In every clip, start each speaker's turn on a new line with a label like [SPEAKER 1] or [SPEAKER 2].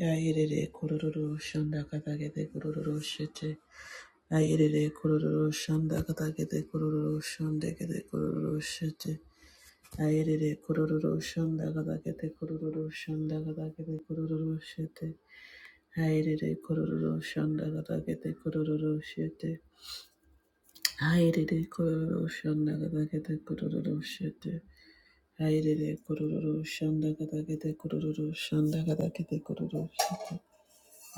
[SPEAKER 1] Yairere kururu shanda katakete kururu shete. Yairere kururu shanda katakete kururu shande kete kururu shete. Yairere kururu shanda katakete kururu shanda katakete kururu shete. Yairere kururu shanda katakete kururu shete. Yairere kururu shanda katakete kururu shete. Yairere kururu shanda katakete kururu shanda katakete kururu shete.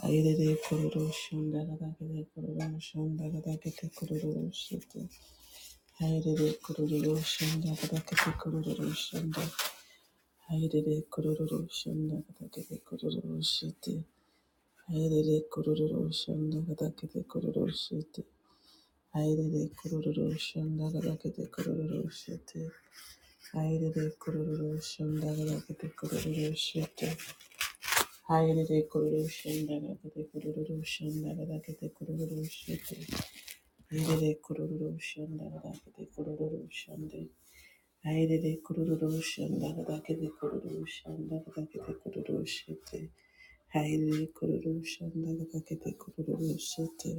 [SPEAKER 1] Ayerere kororo shundara dagere kororo shundara dagete kororo shite. Ayerere kororo shundara dagete kororo shunda. Ayerere kororo shundara dagete kororo shite. Ayerere kororo shundara dagete kororo shite. Ayerere kororo shundara dagete kororo shite. Ayerere kororo shundara dagete kororo shite. Ayerere kororo shundara dagete kororo shundara dagete kororo shite. Airere kururu shanda gadakete kururu shande. Airere kururu shanda gadakete kururu shanda gadakete kururu shete. Airere kururu shanda gadakete kururu shete.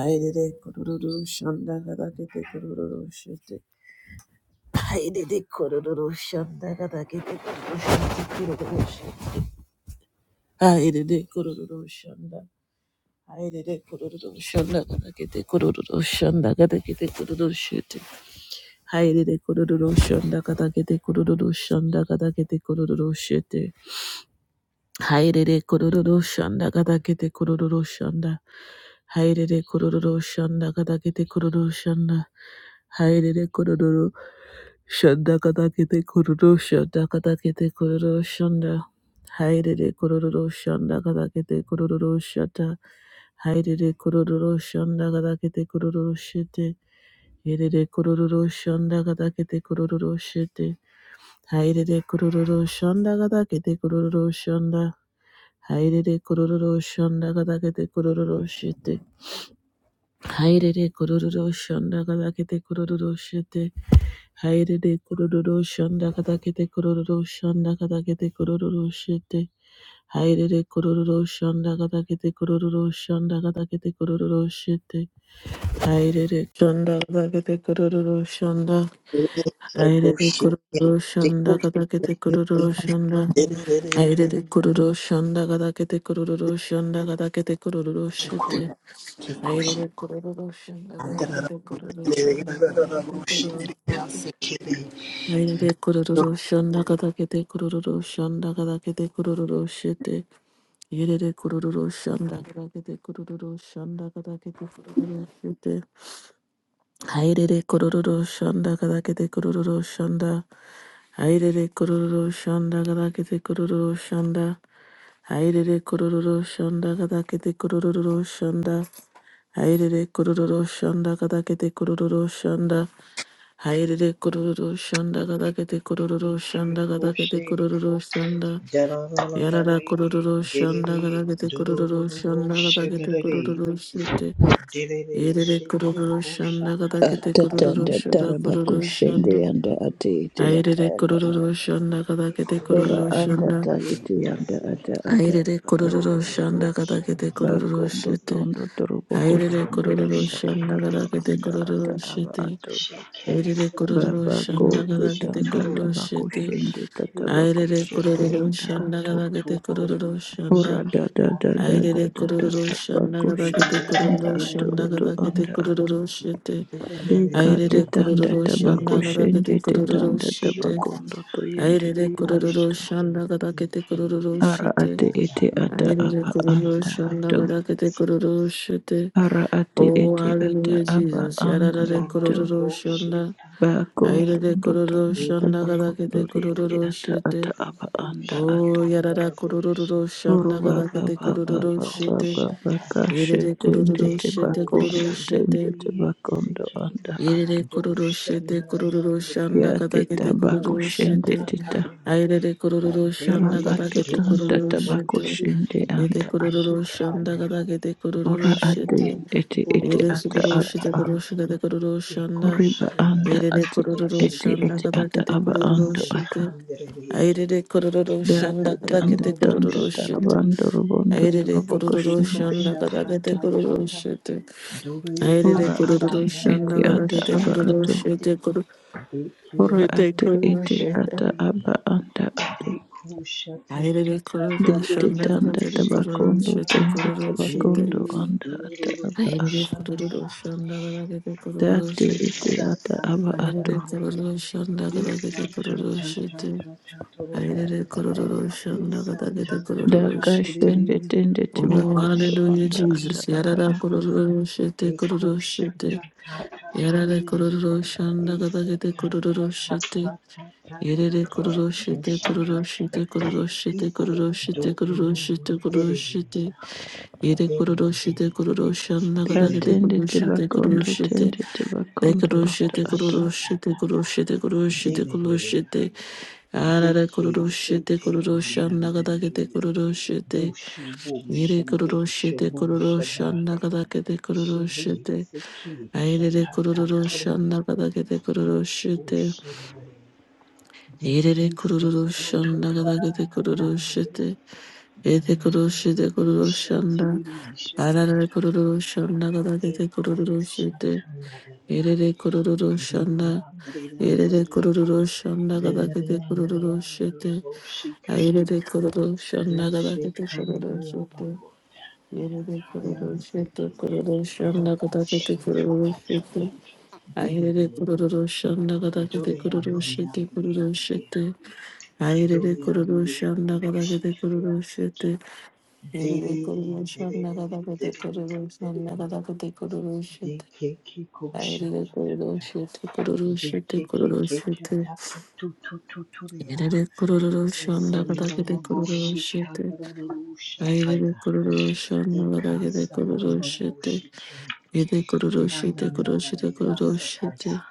[SPEAKER 1] Airere kururu shanda gadakete kururu shete. Airere kururu shanda gadakete kururu shete kururu shete. Airere kururu shanda. Hayrede kururu şunda kada kete kururu şunda kada kete kururu şete. Hayrede kururu şunda kada kete kururu şunda kada kete kururu shete. Hayrere kororo shanda gada kete kororo shanda. Hayrere kororo shanda gada kete kororo shanda. Hayrere kororo shanda gada kete kororo shanda gada kete kororo shanda. Hayrere kororo shanda gada kete kororo shanda. Hayrere kororo shanda gada kete kororo shete. Hayrere kororo shanda gada kete kororo shete. Hayrere kororo shanda gada kete kororo shanda. Hairere kororo shonda kadakete kororo shete. Hairere kororo shonda kadakete kororo shete. Hairere kororo shonda kadakete kororo shonda kadakete kororo shete. Hairere kororo shonda kadakete kororo shonda kadakete kororo shete. Hairere shonda kadakete kororo shonda.
[SPEAKER 2] Did it,
[SPEAKER 1] Hairere kororo shonda kadakete kororo shonda. Airere kororo shanda gada kete kororo shanda gada kete kororo shete. Airere kororo shanda gada kete kororo shanda gada kete kororo shete. Airere kororo shanda gada kete kororo shanda gada kete kororo shete. Airere kororo shanda gada kete kororo shanda gada kete kororo shete. Hayrere kororo shanda kadakete kororo shanda. Hayrere kororo shanda kadakete kororo shanda. Hayrere kororo shanda kadakete kororo shanda. Hayrere kororo shanda kadakete kororo shanda. Hayrere kororo shanda kadakete kororo shanda kadakete kororo shanda. Yarara kororo shanda kadakete kororo shanda kadakete kororo shete. Irere kururu shanda kada kete kururu
[SPEAKER 3] Atatanda
[SPEAKER 1] shanda
[SPEAKER 3] taraba
[SPEAKER 1] kururu
[SPEAKER 3] kushende
[SPEAKER 1] shanda.
[SPEAKER 3] anda ate ete ata
[SPEAKER 1] Airere
[SPEAKER 3] aba a.
[SPEAKER 1] kururu shanda kada kete
[SPEAKER 2] Echo
[SPEAKER 3] Ora
[SPEAKER 1] kururu
[SPEAKER 2] Shannon,
[SPEAKER 3] anda
[SPEAKER 1] shanda.
[SPEAKER 2] I'm
[SPEAKER 3] ta
[SPEAKER 2] the
[SPEAKER 3] ete anda ata
[SPEAKER 2] Isaki.
[SPEAKER 3] ata
[SPEAKER 1] Airere
[SPEAKER 3] aba anda
[SPEAKER 1] kururu
[SPEAKER 3] ato.
[SPEAKER 1] shanda kada kete kururu
[SPEAKER 3] Bakondo
[SPEAKER 1] shite.
[SPEAKER 2] Dororoboshamandereyasike.
[SPEAKER 3] tondo torobo
[SPEAKER 1] Airere
[SPEAKER 3] kushende
[SPEAKER 1] kururu
[SPEAKER 3] anda
[SPEAKER 1] shanda
[SPEAKER 2] Dororoboshikeya.
[SPEAKER 1] kada
[SPEAKER 3] ataraba
[SPEAKER 1] kete
[SPEAKER 3] anda ata
[SPEAKER 1] kururu
[SPEAKER 3] aba
[SPEAKER 1] shite.
[SPEAKER 3] ato.
[SPEAKER 1] Irere kururu
[SPEAKER 3] Baba
[SPEAKER 2] Shekeseteya.
[SPEAKER 3] ko
[SPEAKER 1] shanda
[SPEAKER 3] te
[SPEAKER 1] kada kete
[SPEAKER 3] tanda
[SPEAKER 1] kururu
[SPEAKER 3] taba
[SPEAKER 1] shite.
[SPEAKER 3] kushende
[SPEAKER 2] Shetororoboshikiri.
[SPEAKER 3] tataba
[SPEAKER 1] Airere
[SPEAKER 3] kushende
[SPEAKER 1] kururu
[SPEAKER 3] anda
[SPEAKER 1] shanda
[SPEAKER 3] ato.
[SPEAKER 1] kada kete
[SPEAKER 2] Setatatuku.
[SPEAKER 1] kururu shanda.
[SPEAKER 3] Ora da da da da
[SPEAKER 2] Shikitatata.
[SPEAKER 3] da
[SPEAKER 1] Airere
[SPEAKER 3] da da
[SPEAKER 1] kururu
[SPEAKER 3] baba
[SPEAKER 1] shanda kada kete
[SPEAKER 3] kushende
[SPEAKER 2] Derere,
[SPEAKER 3] anda
[SPEAKER 1] kururu
[SPEAKER 3] ato
[SPEAKER 1] shanda
[SPEAKER 3] oto
[SPEAKER 1] kada kete
[SPEAKER 3] anda
[SPEAKER 2] dererererere.
[SPEAKER 3] ato.
[SPEAKER 1] kururu shite.
[SPEAKER 3] Deka
[SPEAKER 1] Airere
[SPEAKER 2] Derererererere.
[SPEAKER 3] tetanda
[SPEAKER 1] kururu
[SPEAKER 3] tabako
[SPEAKER 1] shanda
[SPEAKER 2] Dererere.
[SPEAKER 1] gada
[SPEAKER 3] shende
[SPEAKER 1] kete kururu
[SPEAKER 3] tetanda
[SPEAKER 1] shite.
[SPEAKER 3] tabako
[SPEAKER 2] Doshokoya.
[SPEAKER 3] ndoto yende
[SPEAKER 1] Airere
[SPEAKER 3] anda
[SPEAKER 1] kururu
[SPEAKER 3] ato.
[SPEAKER 2] Boshike.
[SPEAKER 1] shanda gada kete
[SPEAKER 2] Ike.
[SPEAKER 1] kururu
[SPEAKER 3] Ara
[SPEAKER 1] shite.
[SPEAKER 3] ate ete ata
[SPEAKER 1] Airere
[SPEAKER 3] aba
[SPEAKER 1] kururu
[SPEAKER 3] anda
[SPEAKER 2] Dada
[SPEAKER 1] shanda
[SPEAKER 3] ato.
[SPEAKER 1] gada kete kururu shite.
[SPEAKER 3] Ara ate
[SPEAKER 1] Oh,
[SPEAKER 3] ete ata
[SPEAKER 1] hallelujah,
[SPEAKER 3] aba
[SPEAKER 1] Jesus.
[SPEAKER 3] anda
[SPEAKER 1] Yararare
[SPEAKER 3] ato.
[SPEAKER 1] kururu shanda.
[SPEAKER 3] Bako
[SPEAKER 2] Dororoboshikantaha,
[SPEAKER 1] Airere
[SPEAKER 3] tondo
[SPEAKER 1] kururu
[SPEAKER 3] tanda
[SPEAKER 1] shanda gada
[SPEAKER 3] tabako
[SPEAKER 1] kete
[SPEAKER 3] ndoriende
[SPEAKER 1] kururu
[SPEAKER 3] ata ata
[SPEAKER 1] shite.
[SPEAKER 3] aba anda
[SPEAKER 1] Oh,
[SPEAKER 3] ato.
[SPEAKER 1] yarara kururu
[SPEAKER 3] Oro
[SPEAKER 1] shanda
[SPEAKER 2] dererendushikandaraboshitea,
[SPEAKER 1] gada
[SPEAKER 3] baba
[SPEAKER 1] kete
[SPEAKER 3] baba
[SPEAKER 1] kururu
[SPEAKER 3] baba
[SPEAKER 1] shite.
[SPEAKER 3] baba
[SPEAKER 2] dekoshataya,
[SPEAKER 3] kashe
[SPEAKER 1] Airere
[SPEAKER 3] tende
[SPEAKER 1] kururu shite kururu
[SPEAKER 3] tebakondo
[SPEAKER 1] shite.
[SPEAKER 3] tende tebakondo
[SPEAKER 2] dekoshanandirisike,
[SPEAKER 3] anda ato.
[SPEAKER 1] Irere kororo shete kororo shanda
[SPEAKER 2] doshananamandiri,
[SPEAKER 3] Ya teta
[SPEAKER 1] katakete
[SPEAKER 3] bako
[SPEAKER 1] kororo
[SPEAKER 3] shende
[SPEAKER 1] shete.
[SPEAKER 3] teta
[SPEAKER 2] ikoshatataya,
[SPEAKER 1] Airere kororo shanda
[SPEAKER 2] derere
[SPEAKER 1] katakete
[SPEAKER 3] Yarabatuta
[SPEAKER 1] kororo
[SPEAKER 3] data
[SPEAKER 1] shete.
[SPEAKER 3] bakoshende
[SPEAKER 2] dororoboshiki,
[SPEAKER 1] Ete
[SPEAKER 3] anda ato.
[SPEAKER 1] kororo shanda
[SPEAKER 2] shikaya,
[SPEAKER 1] katakete
[SPEAKER 3] Ora
[SPEAKER 1] kororo
[SPEAKER 3] ate
[SPEAKER 2] shoko,
[SPEAKER 1] shete.
[SPEAKER 3] ete ete
[SPEAKER 1] Ere
[SPEAKER 3] ata
[SPEAKER 1] sugoro
[SPEAKER 3] aba
[SPEAKER 1] shete
[SPEAKER 3] a.
[SPEAKER 2] dororoshikaya,
[SPEAKER 1] koro shete kororo shanda.
[SPEAKER 3] Oriba anda
[SPEAKER 1] Irere
[SPEAKER 3] ate
[SPEAKER 1] kororo
[SPEAKER 3] ete
[SPEAKER 2] dekoshananaraboshike,
[SPEAKER 1] shanda
[SPEAKER 3] ete ata
[SPEAKER 1] katakete
[SPEAKER 3] aba
[SPEAKER 1] kororo
[SPEAKER 3] ando ata.
[SPEAKER 1] shete.
[SPEAKER 2] Isekandere,
[SPEAKER 1] Airere kororo
[SPEAKER 2] dada
[SPEAKER 3] Date
[SPEAKER 1] shanda
[SPEAKER 3] tanda
[SPEAKER 1] katakete
[SPEAKER 2] dororobo
[SPEAKER 3] tanda
[SPEAKER 1] kororo shete.
[SPEAKER 2] shandere,
[SPEAKER 3] tarabando robondo
[SPEAKER 1] Airere
[SPEAKER 3] torobo
[SPEAKER 1] kororo
[SPEAKER 2] isekeko
[SPEAKER 1] shanda
[SPEAKER 3] anda
[SPEAKER 1] katakete
[SPEAKER 3] ata.
[SPEAKER 1] kororo
[SPEAKER 2] shatatatata,
[SPEAKER 1] shete.
[SPEAKER 2] dore
[SPEAKER 1] Airere
[SPEAKER 3] Ora ate
[SPEAKER 1] kororo shanda
[SPEAKER 3] ete
[SPEAKER 2] asayarabo
[SPEAKER 3] ata
[SPEAKER 1] katakete
[SPEAKER 3] aba
[SPEAKER 1] kororo
[SPEAKER 3] ato.
[SPEAKER 2] shandere,
[SPEAKER 1] shete kororo
[SPEAKER 3] Ora
[SPEAKER 1] Yete
[SPEAKER 3] ate
[SPEAKER 2] dekerabo
[SPEAKER 1] kororo
[SPEAKER 3] ete
[SPEAKER 1] shete.
[SPEAKER 3] ata
[SPEAKER 2] shandere,
[SPEAKER 3] aba anda ato.
[SPEAKER 2] deko
[SPEAKER 1] Ayrede
[SPEAKER 2] shatatatata,
[SPEAKER 1] kororo
[SPEAKER 3] Date
[SPEAKER 1] shanda kara
[SPEAKER 2] dororobo
[SPEAKER 3] tanda
[SPEAKER 1] kete kororo
[SPEAKER 3] tabakondo
[SPEAKER 2] shekera,
[SPEAKER 1] shete
[SPEAKER 3] tende
[SPEAKER 1] kororo shete.
[SPEAKER 2] derere,
[SPEAKER 3] tabakondo anda ata aba
[SPEAKER 2] dororobo
[SPEAKER 3] a.
[SPEAKER 1] Ayrede kororo
[SPEAKER 2] shandara,
[SPEAKER 1] shanda kara kete kororo
[SPEAKER 3] Date
[SPEAKER 1] shete.
[SPEAKER 3] ete ata aba ato.
[SPEAKER 1] Ayrede
[SPEAKER 2] isatatatare,
[SPEAKER 1] kororo shanda kara kete kororo shete. Ayrede
[SPEAKER 2] isatatatatatatoro,
[SPEAKER 1] kororo shanda kara
[SPEAKER 2] Isa ta
[SPEAKER 1] kete
[SPEAKER 2] ta
[SPEAKER 1] kororo
[SPEAKER 2] ta
[SPEAKER 3] Daka
[SPEAKER 1] shete.
[SPEAKER 3] shende
[SPEAKER 2] tiriri.
[SPEAKER 3] tende
[SPEAKER 1] Oh,
[SPEAKER 3] tibakondo
[SPEAKER 2] Kosho
[SPEAKER 1] hallelujah,
[SPEAKER 3] anda ata
[SPEAKER 2] bosha
[SPEAKER 1] Jesus.
[SPEAKER 3] aba
[SPEAKER 2] ta
[SPEAKER 1] Yarara
[SPEAKER 3] a.
[SPEAKER 2] ta.
[SPEAKER 1] kororo shete kororo
[SPEAKER 2] Ekosha
[SPEAKER 1] shete.
[SPEAKER 2] ta ta ta
[SPEAKER 1] Yarara
[SPEAKER 2] tiriri.
[SPEAKER 1] kororo shanda kara
[SPEAKER 2] Ise
[SPEAKER 1] kete
[SPEAKER 2] ka
[SPEAKER 1] kororo
[SPEAKER 2] ta ta
[SPEAKER 1] shete.
[SPEAKER 2] ta ta ta ta
[SPEAKER 1] Yerere
[SPEAKER 2] ta.
[SPEAKER 1] kururoshite
[SPEAKER 2] Bosha ka ta.
[SPEAKER 1] kururoshite kururoshite
[SPEAKER 2] Iko
[SPEAKER 1] kururoshite
[SPEAKER 2] do do do do.
[SPEAKER 1] kururoshite
[SPEAKER 2] Tiriri.
[SPEAKER 1] kururoshite yere kururoshite
[SPEAKER 2] Tiriri.
[SPEAKER 1] kururoshana
[SPEAKER 3] Da
[SPEAKER 1] kadagete
[SPEAKER 2] Tiriri.
[SPEAKER 3] tende
[SPEAKER 2] Ya
[SPEAKER 1] kururoshite
[SPEAKER 2] do do
[SPEAKER 3] tibakondo
[SPEAKER 2] ya
[SPEAKER 1] kururoshite
[SPEAKER 2] sa
[SPEAKER 3] tende
[SPEAKER 2] ta.
[SPEAKER 1] re
[SPEAKER 3] tibakondo
[SPEAKER 2] Do
[SPEAKER 3] anda
[SPEAKER 1] kururoshite
[SPEAKER 3] ata.
[SPEAKER 2] kosha ta
[SPEAKER 1] kururoshite
[SPEAKER 2] ta ta.
[SPEAKER 1] kururoshite kururoshite
[SPEAKER 2] Tiriri. ya,
[SPEAKER 1] kururoshite arare
[SPEAKER 2] Deke se
[SPEAKER 1] kururoshite
[SPEAKER 2] te on
[SPEAKER 1] kururoshana
[SPEAKER 2] dan dan
[SPEAKER 1] kadagete
[SPEAKER 2] tiriri.
[SPEAKER 1] kururoshite
[SPEAKER 2] Doshubu
[SPEAKER 1] yere
[SPEAKER 2] shabu
[SPEAKER 1] kururoshite
[SPEAKER 2] shabu
[SPEAKER 1] kururoshana
[SPEAKER 2] shabaya.
[SPEAKER 1] kadagete
[SPEAKER 2] Shebe
[SPEAKER 1] kururoshite
[SPEAKER 2] seki
[SPEAKER 1] ayere
[SPEAKER 2] satata toya.
[SPEAKER 1] kururoshana kadagete
[SPEAKER 2] Do
[SPEAKER 1] kururoshite
[SPEAKER 2] ushebe.
[SPEAKER 1] Irere
[SPEAKER 2] Deki se
[SPEAKER 1] kururu shanda
[SPEAKER 2] totota
[SPEAKER 1] gadagade kururu
[SPEAKER 2] dane.
[SPEAKER 1] shite. Ete kururu
[SPEAKER 2] Dana
[SPEAKER 1] shite kururu shanda.
[SPEAKER 2] ushatiri
[SPEAKER 1] Arare
[SPEAKER 2] shatata.
[SPEAKER 1] kururu shanda gadagade
[SPEAKER 2] Eko
[SPEAKER 1] kururu shite.
[SPEAKER 2] shatanadaya.
[SPEAKER 1] Irere kururu
[SPEAKER 2] Bebe
[SPEAKER 1] shanda.
[SPEAKER 2] andere
[SPEAKER 1] Irere
[SPEAKER 2] amadu.
[SPEAKER 1] kururu shanda
[SPEAKER 2] Benere
[SPEAKER 1] gadagade
[SPEAKER 2] andere
[SPEAKER 1] kururu
[SPEAKER 2] andere
[SPEAKER 1] shite. Airere
[SPEAKER 2] roshikanda.
[SPEAKER 1] kururu shanda
[SPEAKER 2] Doshe
[SPEAKER 1] gadagade kururu
[SPEAKER 2] kandara
[SPEAKER 1] shite. Irere kururu shite
[SPEAKER 2] Hayasiki
[SPEAKER 1] kururu shanda
[SPEAKER 2] doku
[SPEAKER 1] gadagade
[SPEAKER 2] shata
[SPEAKER 1] kururu
[SPEAKER 2] tata
[SPEAKER 1] shite.
[SPEAKER 2] dere
[SPEAKER 1] Airere
[SPEAKER 2] de
[SPEAKER 1] kururu shanda gadagade
[SPEAKER 2] dore
[SPEAKER 1] kururu
[SPEAKER 2] andere
[SPEAKER 1] shite
[SPEAKER 2] andere
[SPEAKER 1] kururu
[SPEAKER 2] andere
[SPEAKER 1] shite.
[SPEAKER 2] anda
[SPEAKER 1] Airere
[SPEAKER 2] dore
[SPEAKER 1] kororo
[SPEAKER 2] andere andere
[SPEAKER 1] shanda kada
[SPEAKER 2] yoshi
[SPEAKER 1] kete kororo
[SPEAKER 2] kriyasiki
[SPEAKER 1] shete. Airere
[SPEAKER 2] dere
[SPEAKER 1] kororo
[SPEAKER 2] dere
[SPEAKER 1] shanda kada kete
[SPEAKER 2] dere
[SPEAKER 1] kororo
[SPEAKER 2] dere
[SPEAKER 1] shanda kada kete kororo
[SPEAKER 2] de
[SPEAKER 1] shete.
[SPEAKER 2] keke ko
[SPEAKER 1] Airere
[SPEAKER 2] shata
[SPEAKER 1] kororo
[SPEAKER 2] tata
[SPEAKER 1] shete kororo
[SPEAKER 2] de
[SPEAKER 1] shete
[SPEAKER 2] keke
[SPEAKER 1] kororo
[SPEAKER 2] keke
[SPEAKER 1] shete.
[SPEAKER 2] tatu tu tu tu tu ya
[SPEAKER 1] Airere kororo
[SPEAKER 2] ese
[SPEAKER 1] shanda kada
[SPEAKER 2] nororo
[SPEAKER 1] kete kororo
[SPEAKER 2] boshi
[SPEAKER 1] shete.
[SPEAKER 2] kandara
[SPEAKER 1] Airere kororo shanda kada kete kororo shete. Ede kororo
[SPEAKER 2] Na na
[SPEAKER 1] shete
[SPEAKER 2] na
[SPEAKER 1] kororo
[SPEAKER 2] na
[SPEAKER 1] shete
[SPEAKER 2] ya
[SPEAKER 1] kororo
[SPEAKER 2] sakaya.
[SPEAKER 1] shete.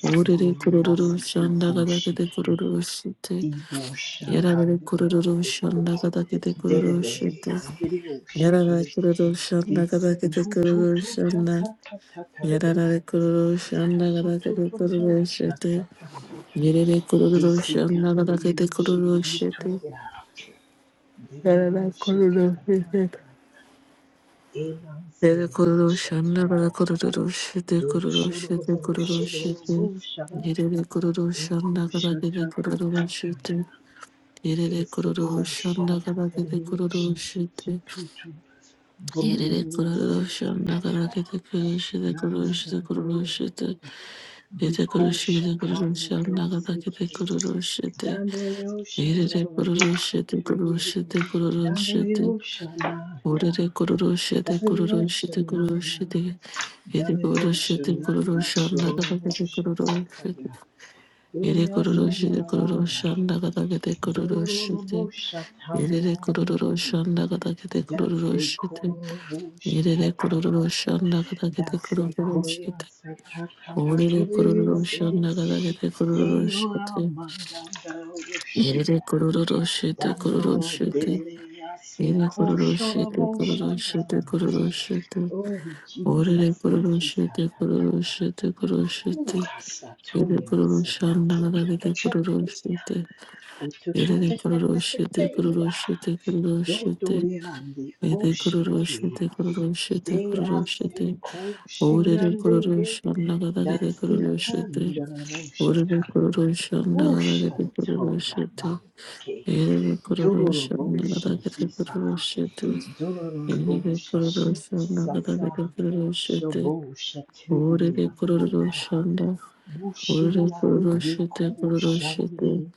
[SPEAKER 1] Orere
[SPEAKER 2] Gloria
[SPEAKER 1] kororo
[SPEAKER 2] siki
[SPEAKER 1] shanda kada kete
[SPEAKER 2] oshiki.
[SPEAKER 1] kororo shete.
[SPEAKER 2] Ibo
[SPEAKER 1] Yarare
[SPEAKER 2] shapandere
[SPEAKER 1] kororo
[SPEAKER 2] eko.
[SPEAKER 1] shanda kada kete kororo
[SPEAKER 2] dere
[SPEAKER 1] shete.
[SPEAKER 2] handere oshiki.
[SPEAKER 1] Yarara kururu shanda kada
[SPEAKER 2] Dise
[SPEAKER 1] kete
[SPEAKER 2] tu tu
[SPEAKER 1] kururu
[SPEAKER 2] tu ta
[SPEAKER 1] shanda.
[SPEAKER 2] ta ta ta ta ta ha.
[SPEAKER 1] Yarara kururu
[SPEAKER 2] Ti ta
[SPEAKER 1] shanda
[SPEAKER 2] tu
[SPEAKER 1] kada
[SPEAKER 2] tu
[SPEAKER 1] kete
[SPEAKER 2] tu ta
[SPEAKER 1] kururu
[SPEAKER 2] ta ta ta
[SPEAKER 1] shete.
[SPEAKER 2] ta rere.
[SPEAKER 1] Yarara kururu
[SPEAKER 2] Dise
[SPEAKER 1] shanda kada
[SPEAKER 2] kandere
[SPEAKER 1] kete kururu
[SPEAKER 2] oshiki
[SPEAKER 1] shete.
[SPEAKER 2] toya, Dere
[SPEAKER 1] Yarara
[SPEAKER 2] oshika
[SPEAKER 1] kururu
[SPEAKER 2] ta
[SPEAKER 1] shete.
[SPEAKER 2] ta. Elan
[SPEAKER 1] Yarara
[SPEAKER 2] sere
[SPEAKER 1] kururu shanda kada
[SPEAKER 2] oshata.
[SPEAKER 1] kururu shete
[SPEAKER 2] Do
[SPEAKER 1] kururu
[SPEAKER 2] shuru
[SPEAKER 1] shete
[SPEAKER 2] do
[SPEAKER 1] kururu
[SPEAKER 2] shuru do
[SPEAKER 1] shete.
[SPEAKER 2] shara.
[SPEAKER 1] Yarara kururu shanda
[SPEAKER 2] Eku
[SPEAKER 1] kada kete
[SPEAKER 2] shata ta
[SPEAKER 1] kururu
[SPEAKER 2] ta ta ya.
[SPEAKER 1] shete. Yarara
[SPEAKER 2] Ese
[SPEAKER 1] kururu
[SPEAKER 2] ku
[SPEAKER 1] shanda
[SPEAKER 2] shata
[SPEAKER 1] kada
[SPEAKER 2] ta de
[SPEAKER 1] kete
[SPEAKER 2] ru
[SPEAKER 1] kururu
[SPEAKER 2] shi ti
[SPEAKER 1] shete.
[SPEAKER 2] ti tu tu.
[SPEAKER 1] Irere
[SPEAKER 2] Buru
[SPEAKER 1] kururusha
[SPEAKER 2] ta ta ya.
[SPEAKER 1] nagarakete kurushite
[SPEAKER 2] Na na na
[SPEAKER 1] kurushite
[SPEAKER 2] na.
[SPEAKER 1] kurushite ite
[SPEAKER 2] Diku
[SPEAKER 1] kurushite
[SPEAKER 2] shata
[SPEAKER 1] kururusha
[SPEAKER 2] na ya se
[SPEAKER 1] nagarakete
[SPEAKER 2] ke,
[SPEAKER 1] kururushite
[SPEAKER 2] yo yo yo shana
[SPEAKER 1] irere
[SPEAKER 2] ru shi
[SPEAKER 1] kururushite
[SPEAKER 2] ti ri.
[SPEAKER 1] kurushite
[SPEAKER 2] Danda
[SPEAKER 1] kururushite
[SPEAKER 2] yo shana ya,
[SPEAKER 1] urere kururushite
[SPEAKER 2] Danda yo
[SPEAKER 1] kururushite
[SPEAKER 2] shana ya,
[SPEAKER 1] kururushite ite
[SPEAKER 2] Dana yo
[SPEAKER 1] kurushite
[SPEAKER 2] shana ya
[SPEAKER 1] kururusha
[SPEAKER 2] Shalom
[SPEAKER 1] nagarakete kururushite
[SPEAKER 2] Shesakaya.
[SPEAKER 1] ire kururushite kururusha nagarakete kururushite irere kururusha nagarakete kururushite Yerere kururu shanda kada kete kururu shite. Orere kururu shanda kada kete kururu shite. Yerere kururu shite kururu shite. Yere kururu shite kururu shite kururu shite.
[SPEAKER 2] Oh
[SPEAKER 1] Orere
[SPEAKER 2] Jesus,
[SPEAKER 1] kururu
[SPEAKER 2] Ikika
[SPEAKER 1] shite
[SPEAKER 2] ta ta
[SPEAKER 1] kururu
[SPEAKER 2] ta.
[SPEAKER 1] shite kururu
[SPEAKER 2] oh
[SPEAKER 1] shite.
[SPEAKER 2] kasa
[SPEAKER 1] Yere
[SPEAKER 2] toria
[SPEAKER 1] kururu
[SPEAKER 2] sa ta
[SPEAKER 1] shanda
[SPEAKER 2] to
[SPEAKER 1] kada
[SPEAKER 2] to
[SPEAKER 1] kete kururu
[SPEAKER 2] to
[SPEAKER 1] shite. Yerere kururu shite
[SPEAKER 2] Utututetetetete.
[SPEAKER 1] kururu shite kururu shite.
[SPEAKER 2] Dodoreande
[SPEAKER 1] Yere kururu
[SPEAKER 2] oshiki.
[SPEAKER 1] shite kururu shite kururu
[SPEAKER 2] Dease
[SPEAKER 1] shite. Orere
[SPEAKER 2] koshigande he.
[SPEAKER 1] kororoshan dagadagade
[SPEAKER 2] Dasi
[SPEAKER 1] kororoshete. Orere
[SPEAKER 2] kangaroshatai.
[SPEAKER 1] kororoshan dagadagade
[SPEAKER 2] Ushantoya
[SPEAKER 1] kororoshete.
[SPEAKER 2] bandeke.
[SPEAKER 1] Erere kororoshan
[SPEAKER 2] Dororoboshi
[SPEAKER 1] dagadagade
[SPEAKER 2] hisa.
[SPEAKER 1] kororoshete. Erere
[SPEAKER 2] Dororoboshi
[SPEAKER 1] kororoshan dagadagade
[SPEAKER 2] sasa.
[SPEAKER 1] kororoshete.
[SPEAKER 2] Shobosha te
[SPEAKER 1] Orere
[SPEAKER 2] asaka.
[SPEAKER 1] kororoshan da. Orere
[SPEAKER 2] Mushia
[SPEAKER 1] kororoshete
[SPEAKER 2] yeko
[SPEAKER 1] kororoshete.
[SPEAKER 2] shande.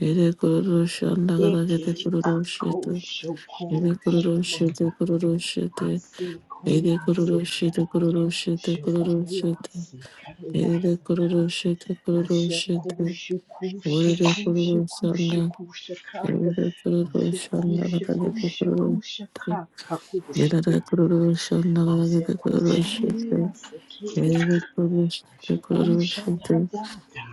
[SPEAKER 1] Ere kororoshan
[SPEAKER 2] Eke
[SPEAKER 1] dagadagade
[SPEAKER 2] ako
[SPEAKER 1] kororoshete.
[SPEAKER 2] shoko
[SPEAKER 1] Ere kororoshete
[SPEAKER 2] shomonda.
[SPEAKER 1] kororoshete.
[SPEAKER 2] Ase
[SPEAKER 1] Ere
[SPEAKER 2] koya se
[SPEAKER 1] kororoshete
[SPEAKER 2] kera.
[SPEAKER 1] kororoshete
[SPEAKER 2] Shokura
[SPEAKER 1] kororoshete.
[SPEAKER 2] se kera
[SPEAKER 1] Ere
[SPEAKER 2] sata.
[SPEAKER 1] kororo shete kororo
[SPEAKER 2] Ashe ko
[SPEAKER 1] shete.
[SPEAKER 2] shuku
[SPEAKER 1] Orere
[SPEAKER 2] shiku
[SPEAKER 1] kororo
[SPEAKER 2] shiku
[SPEAKER 1] sanda.
[SPEAKER 2] shiku shaka.
[SPEAKER 1] Ere kororo
[SPEAKER 2] Ashe ko
[SPEAKER 1] shanda gadage
[SPEAKER 2] shiku
[SPEAKER 1] de
[SPEAKER 2] shiku
[SPEAKER 1] kororo shete.
[SPEAKER 2] shaka kaku
[SPEAKER 1] Ere
[SPEAKER 2] shakaya.
[SPEAKER 1] kororo shanda gadage
[SPEAKER 2] Ashe
[SPEAKER 1] de
[SPEAKER 2] ko
[SPEAKER 1] kororo
[SPEAKER 2] shimiri
[SPEAKER 1] shete.
[SPEAKER 2] ase kenya.
[SPEAKER 1] Ere kororo shete
[SPEAKER 2] Ashe ko
[SPEAKER 1] kororo
[SPEAKER 2] shanta
[SPEAKER 1] shete.
[SPEAKER 2] dada.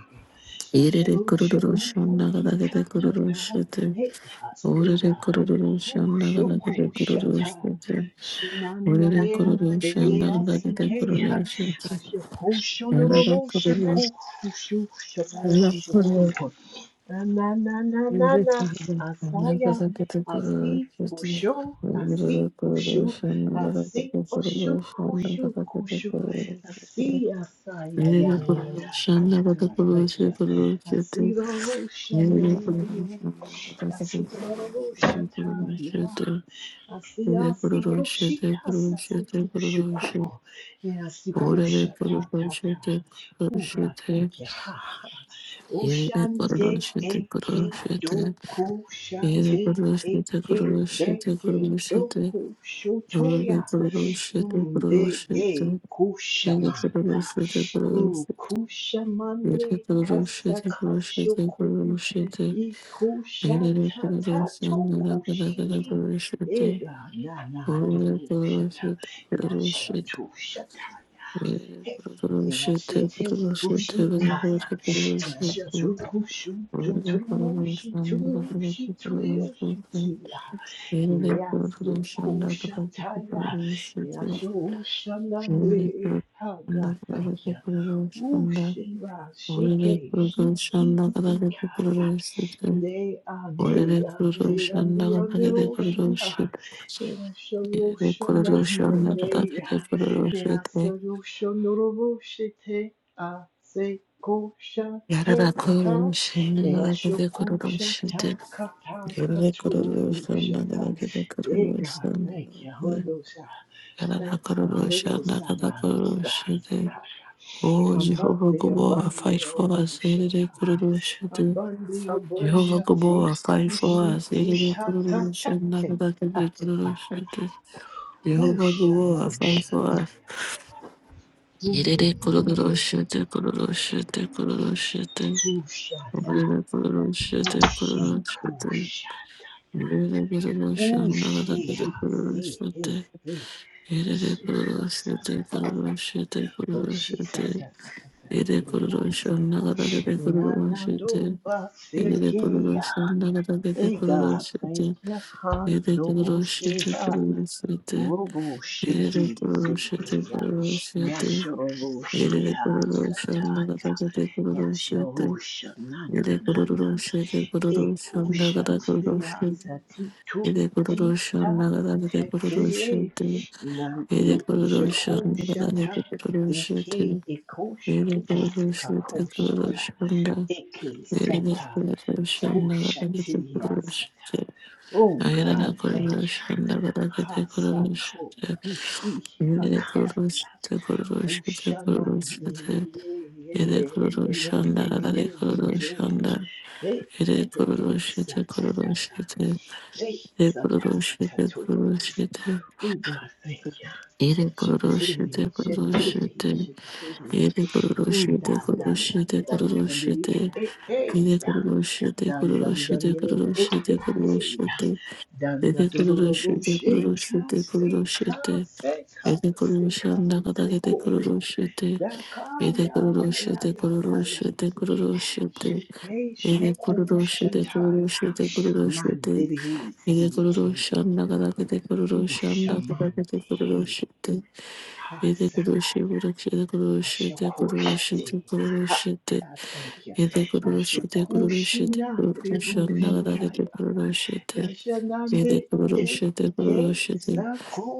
[SPEAKER 1] Ere kororo shanda gadage de kororo
[SPEAKER 2] Asharushukukukitatata.
[SPEAKER 1] shete.
[SPEAKER 2] Hey God, hey
[SPEAKER 1] Orere
[SPEAKER 2] God.
[SPEAKER 1] kororo
[SPEAKER 2] Who
[SPEAKER 1] shanda gadage
[SPEAKER 2] shoku
[SPEAKER 1] de kororo
[SPEAKER 2] shata.
[SPEAKER 1] shete. Orere
[SPEAKER 2] Shinanarea
[SPEAKER 1] kororo shanda
[SPEAKER 2] derea
[SPEAKER 1] gadage de
[SPEAKER 2] sikea.
[SPEAKER 1] kororo shete. Ere
[SPEAKER 2] Ashakushunurubu
[SPEAKER 1] kororo
[SPEAKER 2] shaku shu shaku shaku.
[SPEAKER 1] shanda
[SPEAKER 2] Na na na na na
[SPEAKER 1] shete
[SPEAKER 2] na. Asaya. Asi osho. Asi oshu. Asi oshu. Hushu kushu. Asi asaya ya ya ya. Oh God, thank you. I see the ocean on the end. I see the ocean. Yeah. I see, I
[SPEAKER 1] Yere
[SPEAKER 2] see,
[SPEAKER 1] kuruluşu,
[SPEAKER 2] Koshi,
[SPEAKER 1] te
[SPEAKER 2] I
[SPEAKER 1] kuruluşu,
[SPEAKER 2] see, Hushuku, and I see, Kusha, ta, ta, ta. God, thank you. Ha. Ocean de eke do kusha te eke de
[SPEAKER 1] te
[SPEAKER 2] ke
[SPEAKER 1] kuruluşu,
[SPEAKER 2] do
[SPEAKER 1] te Holy
[SPEAKER 2] kushotoya.
[SPEAKER 1] Kurushi, the
[SPEAKER 2] Mm, De
[SPEAKER 1] Kurushi,
[SPEAKER 2] e
[SPEAKER 1] the Kiri
[SPEAKER 2] kushamanda.
[SPEAKER 1] Kurushi, the
[SPEAKER 2] Mm,
[SPEAKER 1] Kurushi, Kiri Kurushi,
[SPEAKER 2] Kushamande
[SPEAKER 1] the Kurushi,
[SPEAKER 2] kasa
[SPEAKER 1] the
[SPEAKER 2] kashuku.
[SPEAKER 1] Kurushi, the Kiri Kurushi, and the Rakada
[SPEAKER 2] Ikushatatokushiki.
[SPEAKER 1] Kurushi, the
[SPEAKER 2] Ega na na do
[SPEAKER 1] Holy
[SPEAKER 2] shata.
[SPEAKER 1] Kurushi, the Kurushi,
[SPEAKER 2] Yashatu shataya.
[SPEAKER 1] Kiri Kurushi, the
[SPEAKER 2] Yashatu
[SPEAKER 1] Kurushi, the Kurushi, Kurushi, the Holy
[SPEAKER 2] kushikaya.
[SPEAKER 1] Kurushi,
[SPEAKER 2] Yashatu kushu
[SPEAKER 1] and the
[SPEAKER 2] tu
[SPEAKER 1] Rakada Kurushi,
[SPEAKER 2] turushi
[SPEAKER 1] the Kiri
[SPEAKER 2] turushi
[SPEAKER 1] Kurushi, and the
[SPEAKER 2] turushitiya.
[SPEAKER 1] Rakada
[SPEAKER 2] Yasi kushataya.
[SPEAKER 1] Kurushi,
[SPEAKER 2] Yashu
[SPEAKER 1] Holy
[SPEAKER 2] shanangre.
[SPEAKER 1] Guru
[SPEAKER 2] Oh God,
[SPEAKER 1] Shanda
[SPEAKER 2] thank
[SPEAKER 1] Kadavati
[SPEAKER 2] you.
[SPEAKER 1] Guru Shanda
[SPEAKER 2] Ushiva
[SPEAKER 1] Holy
[SPEAKER 2] shike
[SPEAKER 1] Guru
[SPEAKER 2] shiki
[SPEAKER 1] Shanda Kadavati
[SPEAKER 2] sikaya.
[SPEAKER 1] Guru Shanda
[SPEAKER 2] They and they
[SPEAKER 1] Holy Guru
[SPEAKER 2] and they and they
[SPEAKER 1] Shanda
[SPEAKER 2] and they
[SPEAKER 1] Kadavati Guru
[SPEAKER 2] Roshata.
[SPEAKER 1] Shanda
[SPEAKER 2] They are
[SPEAKER 1] Holy
[SPEAKER 2] Sharoshana
[SPEAKER 1] Guru Shanda
[SPEAKER 2] Neleya.
[SPEAKER 1] Kadavati Guru
[SPEAKER 2] Era
[SPEAKER 1] Shanda
[SPEAKER 2] Saroshanoroboshete. A Sekoshate.
[SPEAKER 1] Yarada
[SPEAKER 2] Ka.
[SPEAKER 1] Guru
[SPEAKER 2] They are
[SPEAKER 1] Shanda Kadavati Guru
[SPEAKER 2] Shokoshata
[SPEAKER 1] Shanda
[SPEAKER 2] Kata
[SPEAKER 1] Holy Guru Shanda
[SPEAKER 2] Katurushata.
[SPEAKER 1] Kadavati
[SPEAKER 2] Hey
[SPEAKER 1] Guru
[SPEAKER 2] God,
[SPEAKER 1] Shanda
[SPEAKER 2] thank you, Holy Ghost.
[SPEAKER 1] Yarada
[SPEAKER 2] Thank you,
[SPEAKER 1] Guru
[SPEAKER 2] Holy Ghost.
[SPEAKER 1] Shanda Kadavati
[SPEAKER 2] Sabandi
[SPEAKER 1] Guru Shanda
[SPEAKER 2] Basakaya.
[SPEAKER 1] Oh Jehovah
[SPEAKER 2] Abande,
[SPEAKER 1] Guru,
[SPEAKER 2] abande,
[SPEAKER 1] fight for us. Yarada
[SPEAKER 2] oboshata.
[SPEAKER 1] Guru Shanda
[SPEAKER 2] Abande,
[SPEAKER 1] Jehovah
[SPEAKER 2] oboshate,
[SPEAKER 1] Gabor, fight for
[SPEAKER 2] koshi,
[SPEAKER 1] us.
[SPEAKER 2] te,
[SPEAKER 1] Yedidi
[SPEAKER 2] ta, ta,
[SPEAKER 1] kururu
[SPEAKER 2] ta,
[SPEAKER 1] shanda
[SPEAKER 2] te,
[SPEAKER 1] kada kedi
[SPEAKER 2] ta,
[SPEAKER 1] kururu
[SPEAKER 2] ta.
[SPEAKER 1] shete. Jehovah
[SPEAKER 2] Usha, na,
[SPEAKER 1] Gabor,
[SPEAKER 2] na,
[SPEAKER 1] fight
[SPEAKER 2] na,
[SPEAKER 1] for
[SPEAKER 2] na,
[SPEAKER 1] us.
[SPEAKER 2] na.
[SPEAKER 1] Yedidi
[SPEAKER 2] Mm,
[SPEAKER 1] kururu shete kururu shete kururu shete.
[SPEAKER 2] Usha, na.
[SPEAKER 1] Yedidi kururu shete
[SPEAKER 2] Ushe,
[SPEAKER 1] kururu shete.
[SPEAKER 2] kusha, ta.
[SPEAKER 1] Yedidi kururu shanda kada
[SPEAKER 2] Ushe,
[SPEAKER 1] kedi
[SPEAKER 2] ya,
[SPEAKER 1] kururu
[SPEAKER 2] se,
[SPEAKER 1] shete.
[SPEAKER 2] he, he.
[SPEAKER 1] Yedidi
[SPEAKER 2] Suha,
[SPEAKER 1] kururu
[SPEAKER 2] sa,
[SPEAKER 1] shete
[SPEAKER 2] sa, sa, sa.
[SPEAKER 1] kururu shete kururu
[SPEAKER 2] Oshi, sa,
[SPEAKER 1] shete.
[SPEAKER 2] sa, sa, sa, sa,
[SPEAKER 1] Yedidi
[SPEAKER 2] te, re, ya,
[SPEAKER 1] kururu
[SPEAKER 2] sa,
[SPEAKER 1] shanda
[SPEAKER 2] ta.
[SPEAKER 1] kada kedi
[SPEAKER 2] Na,
[SPEAKER 1] kururu
[SPEAKER 2] na,
[SPEAKER 1] shete.
[SPEAKER 2] do, ba, se,
[SPEAKER 1] Yedidi
[SPEAKER 2] ke,
[SPEAKER 1] kururu
[SPEAKER 2] ya.
[SPEAKER 1] shanda kada kedi
[SPEAKER 2] Hey
[SPEAKER 1] kururu
[SPEAKER 2] God,
[SPEAKER 1] shete.
[SPEAKER 2] thank you. Ha
[SPEAKER 1] Yere
[SPEAKER 2] do
[SPEAKER 1] kırılışıdı
[SPEAKER 2] ha
[SPEAKER 1] kırılışıdı.
[SPEAKER 2] robo
[SPEAKER 1] Yere
[SPEAKER 2] shiki
[SPEAKER 1] kırılışıdı
[SPEAKER 2] siki ya
[SPEAKER 1] kırılışıdı.
[SPEAKER 2] nashoro
[SPEAKER 1] Yere
[SPEAKER 2] ha
[SPEAKER 1] kırılışında
[SPEAKER 2] sataya
[SPEAKER 1] kırılışıdı kırılışıdı.
[SPEAKER 2] yashoro na na
[SPEAKER 1] Yere
[SPEAKER 2] na na
[SPEAKER 1] kırılışıdı
[SPEAKER 2] eko
[SPEAKER 1] kırılışında kırılışıdı. Yere kırılışında
[SPEAKER 2] shatiria
[SPEAKER 1] kırılışıdı.
[SPEAKER 2] sati tu
[SPEAKER 1] Yere
[SPEAKER 2] ti ta
[SPEAKER 1] kırılışında kırılışıdı. Yere kırılışıdı
[SPEAKER 2] te te
[SPEAKER 1] kırılışında.
[SPEAKER 2] nando shiko shata eke ekosh
[SPEAKER 1] Yere
[SPEAKER 2] askakoshata Eke sata
[SPEAKER 1] kırılışında
[SPEAKER 2] kusha sata.
[SPEAKER 1] kırılışıdı.
[SPEAKER 2] Oh God,
[SPEAKER 1] Ayarına
[SPEAKER 2] thank you.
[SPEAKER 1] kırılışında
[SPEAKER 2] Hasako
[SPEAKER 1] kırılışıdı.
[SPEAKER 2] kushi
[SPEAKER 1] Yere
[SPEAKER 2] hakaya.
[SPEAKER 1] kuruluşta kuruluşta
[SPEAKER 2] Ushana ye
[SPEAKER 1] kuruluşta
[SPEAKER 2] ye ye
[SPEAKER 1] yere
[SPEAKER 2] ye ye
[SPEAKER 1] kuruluşanda
[SPEAKER 2] ye
[SPEAKER 1] yere
[SPEAKER 2] ye ye.
[SPEAKER 1] kuruluşanda
[SPEAKER 2] Hey
[SPEAKER 1] yere
[SPEAKER 2] hey hey
[SPEAKER 1] kuruluşta
[SPEAKER 2] sata tata.
[SPEAKER 1] kuruluşta yere
[SPEAKER 2] Hey
[SPEAKER 1] kuruluşta kuruluşta yere
[SPEAKER 2] sata
[SPEAKER 1] kuruluşta
[SPEAKER 2] tatu.
[SPEAKER 1] kuruluşta
[SPEAKER 2] Oh God, thank you.
[SPEAKER 1] yere
[SPEAKER 2] Shatiriri,
[SPEAKER 1] kuruluşta kuruluşta kuruluşta yere kuruluşta kuruluşta kuruluşta
[SPEAKER 2] shatiriri,
[SPEAKER 1] kuruluşta
[SPEAKER 2] shatiriri.
[SPEAKER 1] yere kuruluşta
[SPEAKER 2] Mm, Dun dun dun dun dun
[SPEAKER 1] kuruluşta kuruluşta
[SPEAKER 2] dun. Eh eh.
[SPEAKER 1] yere
[SPEAKER 2] yeah. Dun dun dun dun. Eh eh eh. yeah.
[SPEAKER 1] kuruluşanda
[SPEAKER 2] Dun dun dun dun dun. dun. Shika shika shika
[SPEAKER 1] yere
[SPEAKER 2] shika shiko.
[SPEAKER 1] kuruluşta
[SPEAKER 2] Daka
[SPEAKER 1] Ede
[SPEAKER 2] ya ya ya
[SPEAKER 1] kururushite
[SPEAKER 2] ya ya.
[SPEAKER 1] kururushite
[SPEAKER 2] Shike
[SPEAKER 1] kururushite.
[SPEAKER 2] shike
[SPEAKER 1] Ede
[SPEAKER 2] shoku
[SPEAKER 1] kururushite
[SPEAKER 2] shataya.
[SPEAKER 1] kururushite kururushite.
[SPEAKER 2] Mandiri
[SPEAKER 1] Ede
[SPEAKER 2] shiki.
[SPEAKER 1] kururushanda kadakete kururushanda kadakete
[SPEAKER 2] Ushamande hey
[SPEAKER 1] kururushite.
[SPEAKER 2] ha
[SPEAKER 1] Ede kururushi
[SPEAKER 2] sakaya
[SPEAKER 1] kururushite kururushite kururushite
[SPEAKER 2] ashakoshati ha
[SPEAKER 1] kururushite.
[SPEAKER 2] God thank you
[SPEAKER 1] Ede kururushite kururushite
[SPEAKER 2] ashakushinandre
[SPEAKER 1] kururushanda kadakete
[SPEAKER 2] bushikaya
[SPEAKER 1] kururushite.
[SPEAKER 2] yashanande
[SPEAKER 1] Ede kururushite
[SPEAKER 2] eke
[SPEAKER 1] kururushite.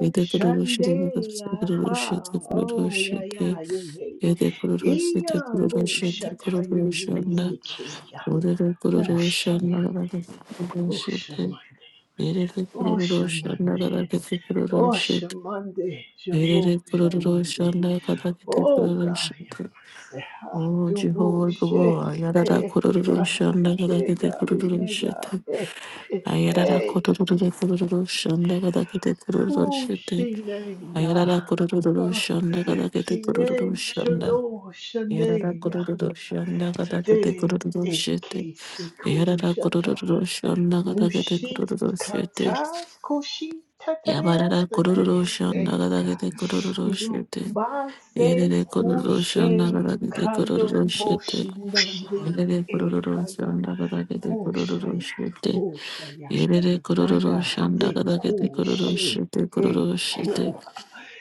[SPEAKER 1] Ede kururushite
[SPEAKER 2] ya ha oh yeah
[SPEAKER 1] kururushite kururushite.
[SPEAKER 2] yeah yeah yeah
[SPEAKER 1] Yede kururu
[SPEAKER 2] iya
[SPEAKER 1] sete kururu shete kururu
[SPEAKER 2] bushatayiri
[SPEAKER 1] shanda.
[SPEAKER 2] sikeya
[SPEAKER 1] Kururu kururu shanda
[SPEAKER 2] ushamande
[SPEAKER 1] gadake kururu shete.
[SPEAKER 2] ushamande
[SPEAKER 1] Yerere kururu shanda
[SPEAKER 2] ushamande
[SPEAKER 1] gadake te kururu shete.
[SPEAKER 2] Oshamande,
[SPEAKER 1] Yerere
[SPEAKER 2] Jabo
[SPEAKER 1] kururu
[SPEAKER 2] Shamande,
[SPEAKER 1] shanda gadake te
[SPEAKER 2] Oh
[SPEAKER 1] kururu
[SPEAKER 2] God, your
[SPEAKER 1] shete.
[SPEAKER 2] mercy. Ah,
[SPEAKER 1] Oh
[SPEAKER 2] do
[SPEAKER 1] Jehovah Gabo,
[SPEAKER 2] bullshit.
[SPEAKER 1] Ayarara
[SPEAKER 2] Eh,
[SPEAKER 1] kururu
[SPEAKER 2] God, yeah,
[SPEAKER 1] shanda
[SPEAKER 2] eh,
[SPEAKER 1] gadake te
[SPEAKER 2] God,
[SPEAKER 1] kururu
[SPEAKER 2] eh, God,
[SPEAKER 1] shete.
[SPEAKER 2] eh, eh,
[SPEAKER 1] Ayarara
[SPEAKER 2] eh.
[SPEAKER 1] kururu kururu shanda gadake te kururu
[SPEAKER 2] Ooh,
[SPEAKER 1] shete.
[SPEAKER 2] she name, nah.
[SPEAKER 1] Ayarara kururu
[SPEAKER 2] Ah,
[SPEAKER 1] shanda gadake te
[SPEAKER 2] She
[SPEAKER 1] kururu
[SPEAKER 2] name,
[SPEAKER 1] shanda.
[SPEAKER 2] shano,
[SPEAKER 1] Yarara
[SPEAKER 2] shane, yeah.
[SPEAKER 1] kururu shanda kata kete
[SPEAKER 2] dere,
[SPEAKER 1] kururu
[SPEAKER 2] e
[SPEAKER 1] shete.
[SPEAKER 2] kese ko
[SPEAKER 1] Yarara
[SPEAKER 2] shata.
[SPEAKER 1] kururu shanda kata kete
[SPEAKER 2] Mushi
[SPEAKER 1] kururu shete.
[SPEAKER 2] kata, koshi tatarea,
[SPEAKER 1] Yabarara kururu
[SPEAKER 2] tate.
[SPEAKER 1] shanda
[SPEAKER 2] Eh,
[SPEAKER 1] kata
[SPEAKER 2] God.
[SPEAKER 1] kete kururu
[SPEAKER 2] You
[SPEAKER 1] shete.
[SPEAKER 2] base
[SPEAKER 1] Yerere kururu
[SPEAKER 2] kushe
[SPEAKER 1] shanda kata kete
[SPEAKER 2] kando
[SPEAKER 1] kururu shete.
[SPEAKER 2] boshinande
[SPEAKER 1] Yerere kururu
[SPEAKER 2] ekaya
[SPEAKER 1] shanda kata kete kururu
[SPEAKER 2] hoshaya
[SPEAKER 1] shete.
[SPEAKER 2] hoshaya.
[SPEAKER 1] Yerere
[SPEAKER 2] My
[SPEAKER 1] kururu
[SPEAKER 2] God,
[SPEAKER 1] shanda
[SPEAKER 2] de
[SPEAKER 1] kata kete kururu
[SPEAKER 2] kushe
[SPEAKER 1] shete kururu shete.
[SPEAKER 2] eko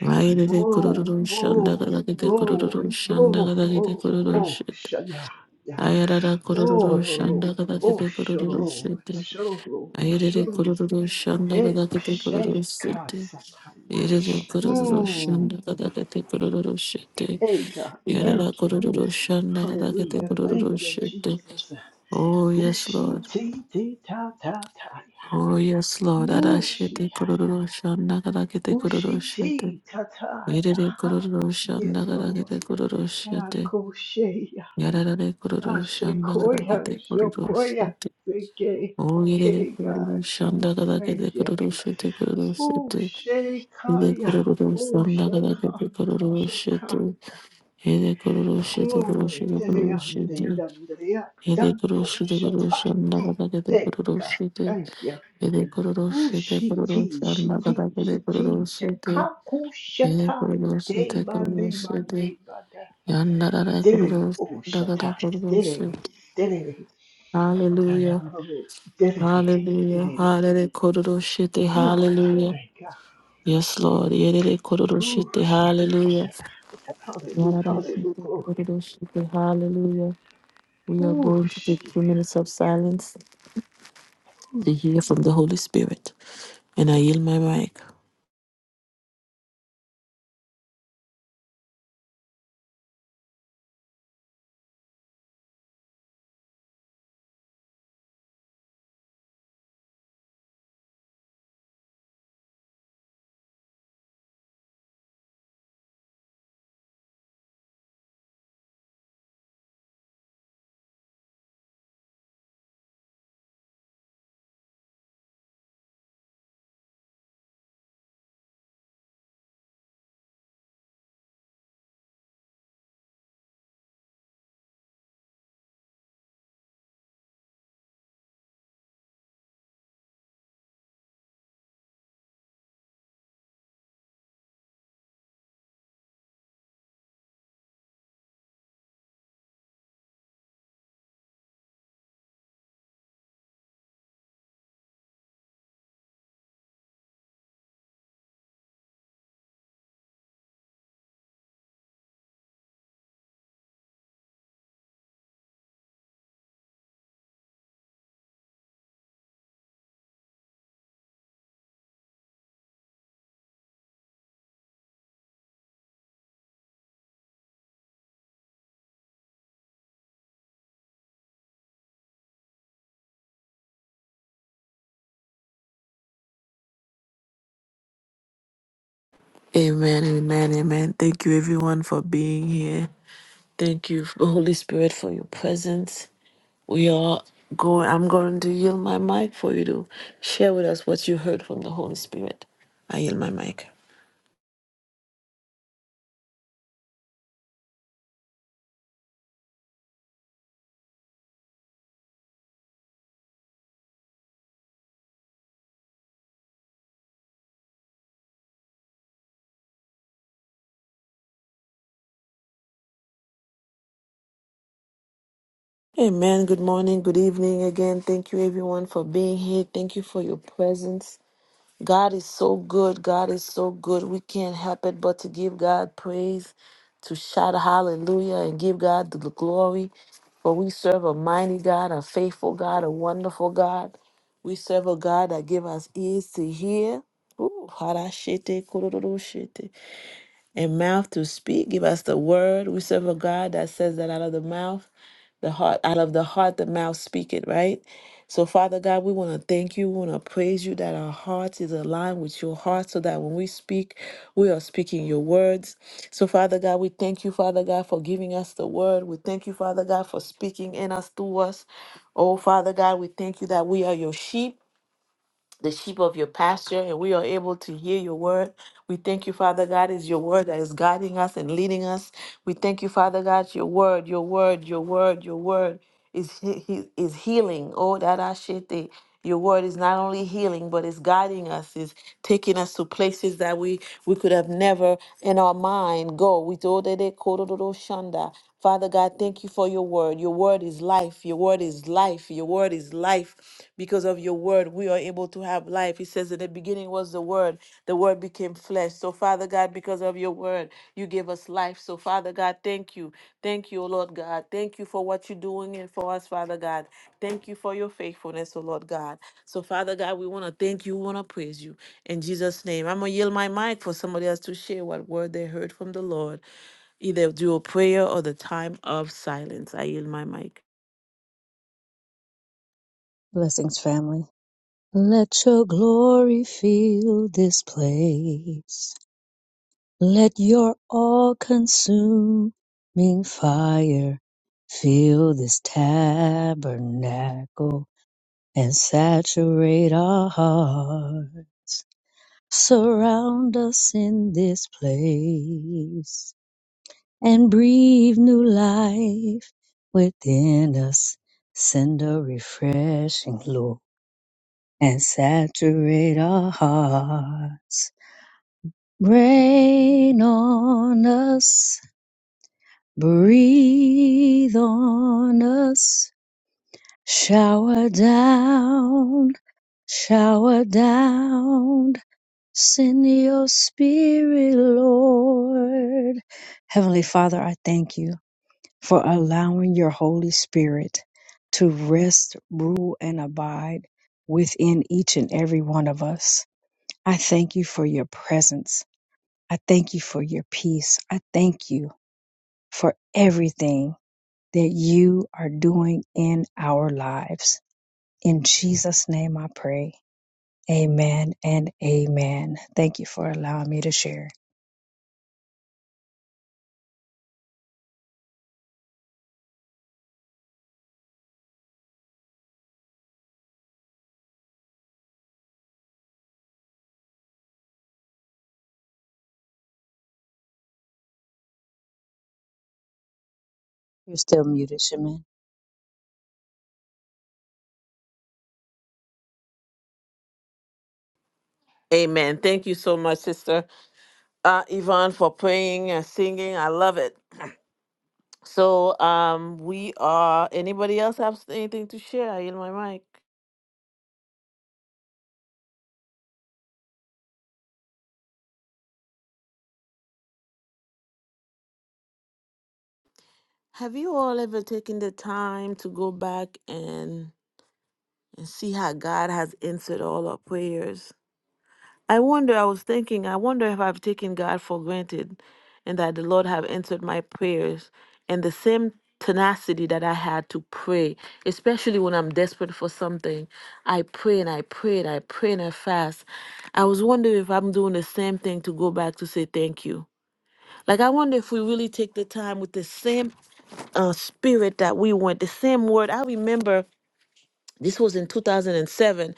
[SPEAKER 1] Vairere
[SPEAKER 2] bro
[SPEAKER 1] kururu shanda
[SPEAKER 2] bro
[SPEAKER 1] kata kete
[SPEAKER 2] bro
[SPEAKER 1] kururu
[SPEAKER 2] bro
[SPEAKER 1] shanda kata kete
[SPEAKER 2] oh
[SPEAKER 1] kururu
[SPEAKER 2] oh
[SPEAKER 1] shete.
[SPEAKER 2] shaya ya
[SPEAKER 1] Ayarara
[SPEAKER 2] oh
[SPEAKER 1] kororo
[SPEAKER 2] ro
[SPEAKER 1] shanda kada
[SPEAKER 2] oh
[SPEAKER 1] kete kororo
[SPEAKER 2] shoro
[SPEAKER 1] sete.
[SPEAKER 2] shoro
[SPEAKER 1] Ayerere
[SPEAKER 2] shoro
[SPEAKER 1] kororo shanda
[SPEAKER 2] he
[SPEAKER 1] kada kete kororo
[SPEAKER 2] shake
[SPEAKER 1] sete.
[SPEAKER 2] kasakaya.
[SPEAKER 1] Ayerere kororo shanda
[SPEAKER 2] Hmm.
[SPEAKER 1] kada kete kororo sete.
[SPEAKER 2] Hey God,
[SPEAKER 1] Ayarara
[SPEAKER 2] thank you.
[SPEAKER 1] kororo shanda kada kete
[SPEAKER 2] Hallelujah.
[SPEAKER 1] kororo
[SPEAKER 2] Thank you,
[SPEAKER 1] sete.
[SPEAKER 2] Jesus.
[SPEAKER 1] Oh yes
[SPEAKER 2] Whooshi
[SPEAKER 1] Lord.
[SPEAKER 2] tee tee ta ta ta ya.
[SPEAKER 1] Oh yes Lord.
[SPEAKER 2] Whooshi
[SPEAKER 1] Arashete
[SPEAKER 2] ya ya.
[SPEAKER 1] kororo shanda kada kete kororo
[SPEAKER 2] Whooshi
[SPEAKER 1] sete.
[SPEAKER 2] tee ta ta ya.
[SPEAKER 1] Ayerere
[SPEAKER 2] Ha.
[SPEAKER 1] kororo
[SPEAKER 2] Yes,
[SPEAKER 1] shanda kada
[SPEAKER 2] Lord.
[SPEAKER 1] kete kororo sete.
[SPEAKER 2] Akoshe ya.
[SPEAKER 1] Yarara kororo shanda kada
[SPEAKER 2] Ashekoya.
[SPEAKER 1] kete kororo sete.
[SPEAKER 2] Shokoya. Seke.
[SPEAKER 1] Oh Oye,
[SPEAKER 2] Hey God,
[SPEAKER 1] kururu shanda kada
[SPEAKER 2] thank
[SPEAKER 1] kete
[SPEAKER 2] you.
[SPEAKER 1] kururu shete kururu shete. Ede
[SPEAKER 2] Whooshekaya.
[SPEAKER 1] kururu shanda kada
[SPEAKER 2] Whooshaka.
[SPEAKER 1] kete kururu shete.
[SPEAKER 2] Sheka.
[SPEAKER 1] Ede kururu shete kururu
[SPEAKER 2] Glory
[SPEAKER 1] shete
[SPEAKER 2] to the
[SPEAKER 1] kururu
[SPEAKER 2] undying,
[SPEAKER 1] shete.
[SPEAKER 2] Dandria,
[SPEAKER 1] Ede kururu
[SPEAKER 2] Dato
[SPEAKER 1] shete kururu
[SPEAKER 2] Shata.
[SPEAKER 1] shanda
[SPEAKER 2] Mm,
[SPEAKER 1] kada kete
[SPEAKER 2] Thank
[SPEAKER 1] kururu
[SPEAKER 2] God.
[SPEAKER 1] shete.
[SPEAKER 2] Thank you.
[SPEAKER 1] Ede kururu shete kururu
[SPEAKER 2] Ushiki,
[SPEAKER 1] shanda
[SPEAKER 2] shiki,
[SPEAKER 1] kada kete kururu
[SPEAKER 2] shiki,
[SPEAKER 1] shete.
[SPEAKER 2] shikaku
[SPEAKER 1] Ede
[SPEAKER 2] shata.
[SPEAKER 1] kururu shete
[SPEAKER 2] Deban,
[SPEAKER 1] kururu
[SPEAKER 2] deban,
[SPEAKER 1] shete.
[SPEAKER 2] debada.
[SPEAKER 1] Yanda rara
[SPEAKER 2] Dere,
[SPEAKER 1] kururu
[SPEAKER 2] o
[SPEAKER 1] shanda kada
[SPEAKER 2] shata.
[SPEAKER 1] kururu
[SPEAKER 2] Dere,
[SPEAKER 1] shete.
[SPEAKER 2] dere,
[SPEAKER 1] Hallelujah.
[SPEAKER 2] dayabu, dere,
[SPEAKER 1] Hallelujah.
[SPEAKER 2] dere.
[SPEAKER 1] Hallelujah. Kururu shete.
[SPEAKER 2] Oh, God,
[SPEAKER 1] Hallelujah.
[SPEAKER 2] thank God.
[SPEAKER 1] Yes, Lord. Yerere
[SPEAKER 2] Oh,
[SPEAKER 1] kororoshite.
[SPEAKER 2] shaka,
[SPEAKER 1] Hallelujah.
[SPEAKER 2] yeah.
[SPEAKER 1] Hallelujah.
[SPEAKER 2] Hallelujah.
[SPEAKER 1] Yararashite
[SPEAKER 2] Glory.
[SPEAKER 1] kororoshite. Hallelujah. We are
[SPEAKER 2] Oh,
[SPEAKER 1] going to take two
[SPEAKER 2] shika.
[SPEAKER 1] minutes of silence to hear from the Holy Spirit. And I yield my mic. Amen, amen, amen. Thank you, everyone, for being here. Thank you, Holy Spirit, for your presence. We are going, I'm going to yield my mic for you to share with us what you heard from the Holy Spirit. I yield my mic. Amen. Good morning. Good evening again. Thank you, everyone, for being here. Thank you for your presence. God is so good. God is so good. We can't help it but to give God praise, to shout hallelujah, and give God the glory. For we serve a mighty God, a faithful God, a wonderful God. We serve a God that give us ears to hear. Ooh, harashete, kororoshete and mouth to speak. Give us the word. We serve a God that says that out of the mouth, the heart, out of the heart, the mouth speak it, right? So, Father God, we want to thank you. We want to praise you that our heart is aligned with your heart so that when we speak, we are speaking your words. So, Father God, we thank you, Father God, for giving us the word. We thank you, Father God, for speaking in us, through us. Oh, Father God, we thank you that we are your sheep the sheep of your pasture, and we are able to hear your word. We thank you, Father God, is your word that is guiding us and leading us. We thank you, Father God, your word, your word, your word, your word is he- he- is healing. Oh, that I shit the your word is not only healing, but it's guiding us, is taking us to places that we we could have never in our mind go. We told that they called it Odo Shanda. Father God, thank you for your word. Your word is life. Your word is life. Your word is life. Because of your word, we are able to have life. He says, In the beginning was the word. The word became flesh. So, Father God, because of your word, you gave us life. So, Father God, thank you. Thank you, O Lord God. Thank you for what you're doing and for us, Father God. Thank you for your faithfulness, O Lord God. So, Father God, we want to thank you. We want to praise you. In Jesus' name, I'm going to yield my mic for somebody else to share what word they heard from the Lord either do a prayer or the time of silence. I yield my mic.
[SPEAKER 4] Blessings, family. Let your glory fill this place. Let your all consuming fire fill this tabernacle and saturate our heart. Surround us in this place and breathe new life within us. Send a refreshing, Lord. and saturate our hearts. Rain on us, breathe on us, shower down, shower down, send your spirit, Lord. Heavenly Father, I thank you for allowing your Holy Spirit to rest, rule, and abide within each and every one of us. I thank you for your presence. I thank you for your peace. I thank you for everything that you are doing in our lives. In Jesus' name I pray. Amen and amen. Thank you for allowing me to share. You're still muted, Shaman.
[SPEAKER 1] Amen. Thank you so much, Sister uh, Yvonne, for praying and singing. I love it. So, um, we are. Anybody else have anything to share? I yield my mic. Have you all ever taken the time to go back and and see how God has answered all our prayers? I wonder, I was thinking, I wonder if I've taken God for granted and that the Lord have answered my prayers and the same tenacity that I had to pray, especially when I'm desperate for something. I pray and I pray and I pray and I fast. I was wondering if I'm doing the same thing to go back to say thank you. Like, I wonder if we really take the time with the same uh, spirit that we want, the same word. I remember this was in 2007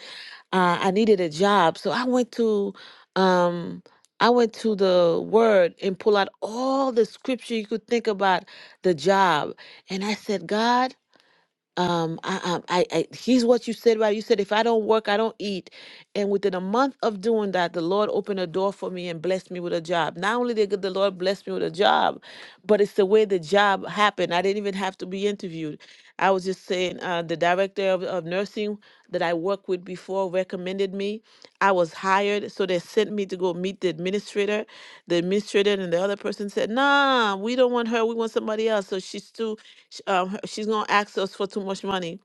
[SPEAKER 1] uh, i needed a job so i went to um, i went to the word and pull out all the scripture you could think about the job and i said god um I, I i I- he's what you said right you said if i don't work i don't eat and within a month of doing that the lord opened a door for me and blessed me with a job not only did the lord bless me with a job but it's the way the job happened i didn't even have to be interviewed i was just saying uh, the director of, of nursing that i worked with before recommended me i was hired so they sent me to go meet the administrator the administrator and the other person said nah we don't want her we want somebody else so she's too sh- um, she's gonna ask us for too much money.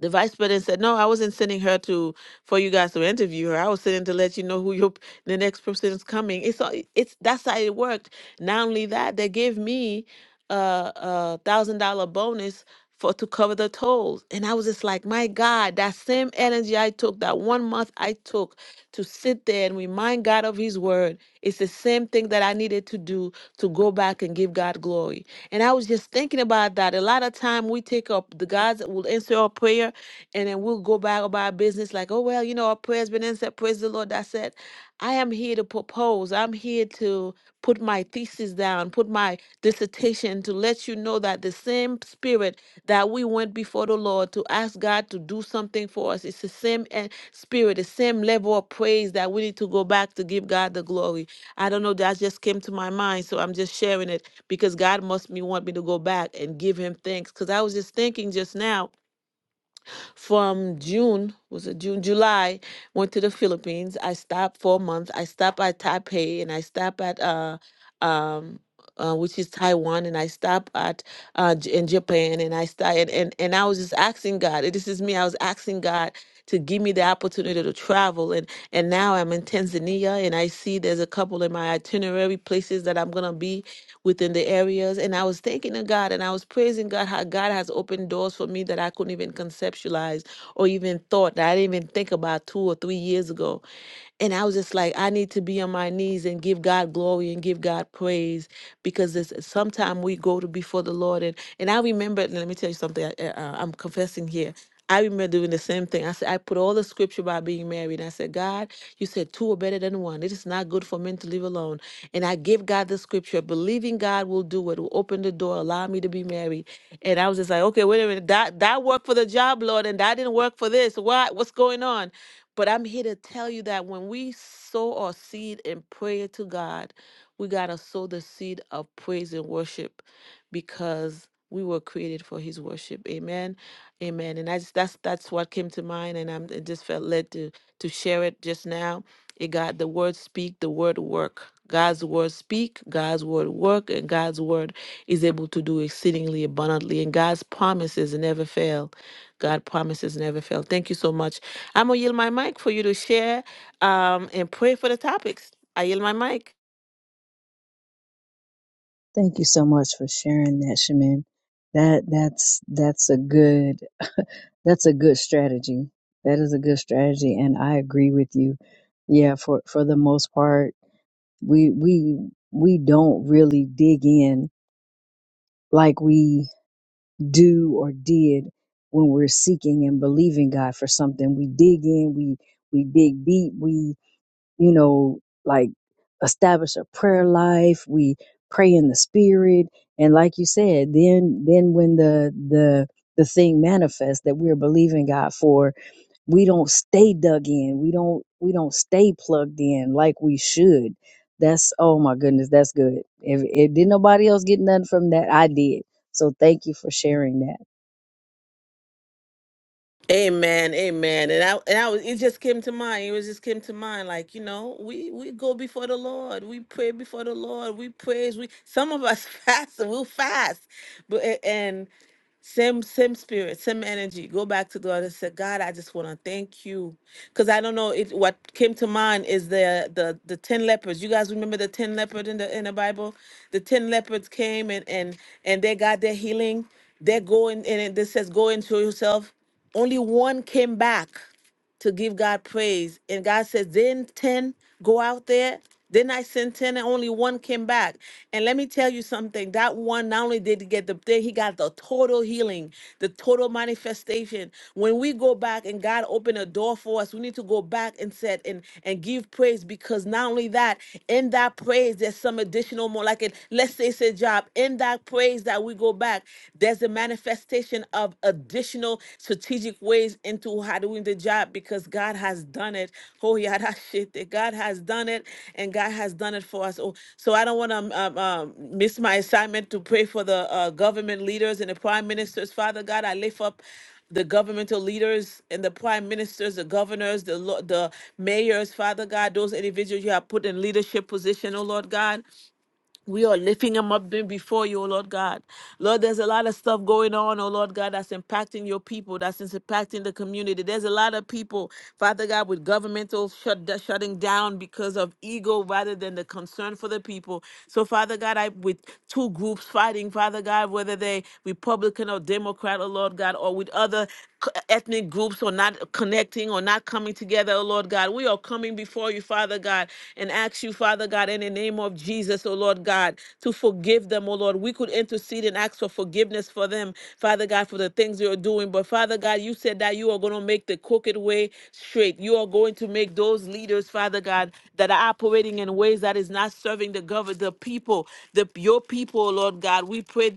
[SPEAKER 1] The vice president said, "No, I wasn't sending her to for you guys to interview her. I was sending to let you know who your p- the next person is coming." It's all- it's that's how it worked. Not only that, they gave me a a thousand dollar bonus for to cover the tolls, and I was just like, "My God, that same energy I took that one month I took to sit there and remind God of His word. It's the same thing that I needed to do to go back and give God glory." And I was just thinking about that. A lot of time we take up the God's will answer our prayer and then we'll go back about our business like, oh, well, you know, our prayer's been answered. Praise the Lord. That's it. I am here to propose. I'm here to put my thesis down, put my dissertation to let you know that the same spirit that we went before the Lord to ask God to do something for us, it's the same eh, spirit, the same level of praise that we need to go back to give God the glory. I don't know, that just came to my mind, so I'm just sharing it because God must me want me to go back and give him thanks. Because I was just thinking just now, from June was it June July went to the Philippines. I stopped for a month. I stopped at Taipei and I stopped at uh um. Uh, which is Taiwan, and I stopped at uh, J- in Japan, and I started, and, and I was just asking God. This is me. I was asking God to give me the opportunity to travel, and and now I'm in Tanzania, and I see there's a couple in my itinerary places that I'm gonna be within the areas. And I was thanking to God and I was praising God how God has opened doors for me that I couldn't even conceptualize or even thought that I didn't even think about two or three years ago. And I was just like, I need to be on my knees and give God glory and give God praise because this sometime we go to before the Lord and and I remember. and Let me tell you something. I, uh, I'm confessing here. I remember doing the same thing. I said, I put all the scripture about being married. And I said, God, you said two are better than one. It is not good for men to live alone. And I give God the scripture, believing God will do it, will open the door, allow me to be married. And I was just like, okay, wait a minute. That that worked for the job, Lord, and that didn't work for this. Why? What's going on? But I'm here to tell you that when we sow our seed in prayer to God, we gotta sow the seed of praise and worship because we were created for his worship. Amen. Amen. And I just, that's that's what came to mind, and I'm I just felt led to to share it just now. It got the word speak, the word work. God's word speak, God's word work, and God's word is able to do exceedingly abundantly. And God's promises never fail. God promises never fail. Thank you so much. I'm gonna yield my mic for you to share um, and pray for the topics. I yield my mic.
[SPEAKER 4] Thank you so much for sharing that, Shaman. That that's that's a good that's a good strategy. That is a good strategy and I agree with you. Yeah, for for the most part we we we don't really dig in like we do or did when we're seeking and believing God for something. We dig in, we we dig deep, we you know like establish a prayer life, we pray in the spirit, and like you said, then then when the the the thing manifests that we're believing God for, we don't stay dug in we don't we don't stay plugged in like we should that's oh my goodness that's good if, if did nobody else get nothing from that i did so thank you for sharing that
[SPEAKER 1] Amen, amen. And I and I was it just came to mind. It was just came to mind. Like, you know, we we go before the Lord. We pray before the Lord. We praise. We some of us fast and we'll fast. But a- and same, same spirit, same energy. Go back to God and say, God, I just want to thank you, because I don't know it. What came to mind is the the the ten lepers. You guys remember the ten leopard in the in the Bible? The ten leopards came and and and they got their healing. They're going and it this says, go into yourself. Only one came back to give God praise. And God says, then 10 go out there. Then I sent 10 and only one came back. And let me tell you something. That one not only did he get the thing, he got the total healing, the total manifestation. When we go back and God opened a door for us, we need to go back and set and, and give praise because not only that, in that praise, there's some additional more. Like it, let's say it's a job. In that praise that we go back, there's a manifestation of additional strategic ways into how doing the job because God has done it. Oh, yeah, that shit. that God has done it and God has done it for us. Oh, so I don't want to um, um, um, miss my assignment to pray for the uh, government leaders and the prime ministers. Father God, I lift up the governmental leaders and the prime ministers, the governors, the lo- the mayors, Father God, those individuals you have put in leadership position, oh Lord God. We are lifting him up then before you, oh Lord God. Lord, there's a lot of stuff going on, oh Lord God, that's impacting your people, that's impacting the community. There's a lot of people, Father God, with governmental shut, shutting down because of ego rather than the concern for the people. So, Father God, I with two groups fighting, Father God, whether they Republican or Democrat, oh Lord God, or with other c- ethnic groups or or not connecting or not coming together, oh Lord God. We are coming before you, Father God, and ask you, Father God, in the name of Jesus, oh Lord God, to forgive them, oh Lord. We could intercede and ask for forgiveness for them, Father God, for the things they are doing. But Father God, you said that you are going to make the crooked way straight. You are going to make those leaders, Father God, that are operating in ways that is not serving the government, the people, the your people, oh Lord God. We pray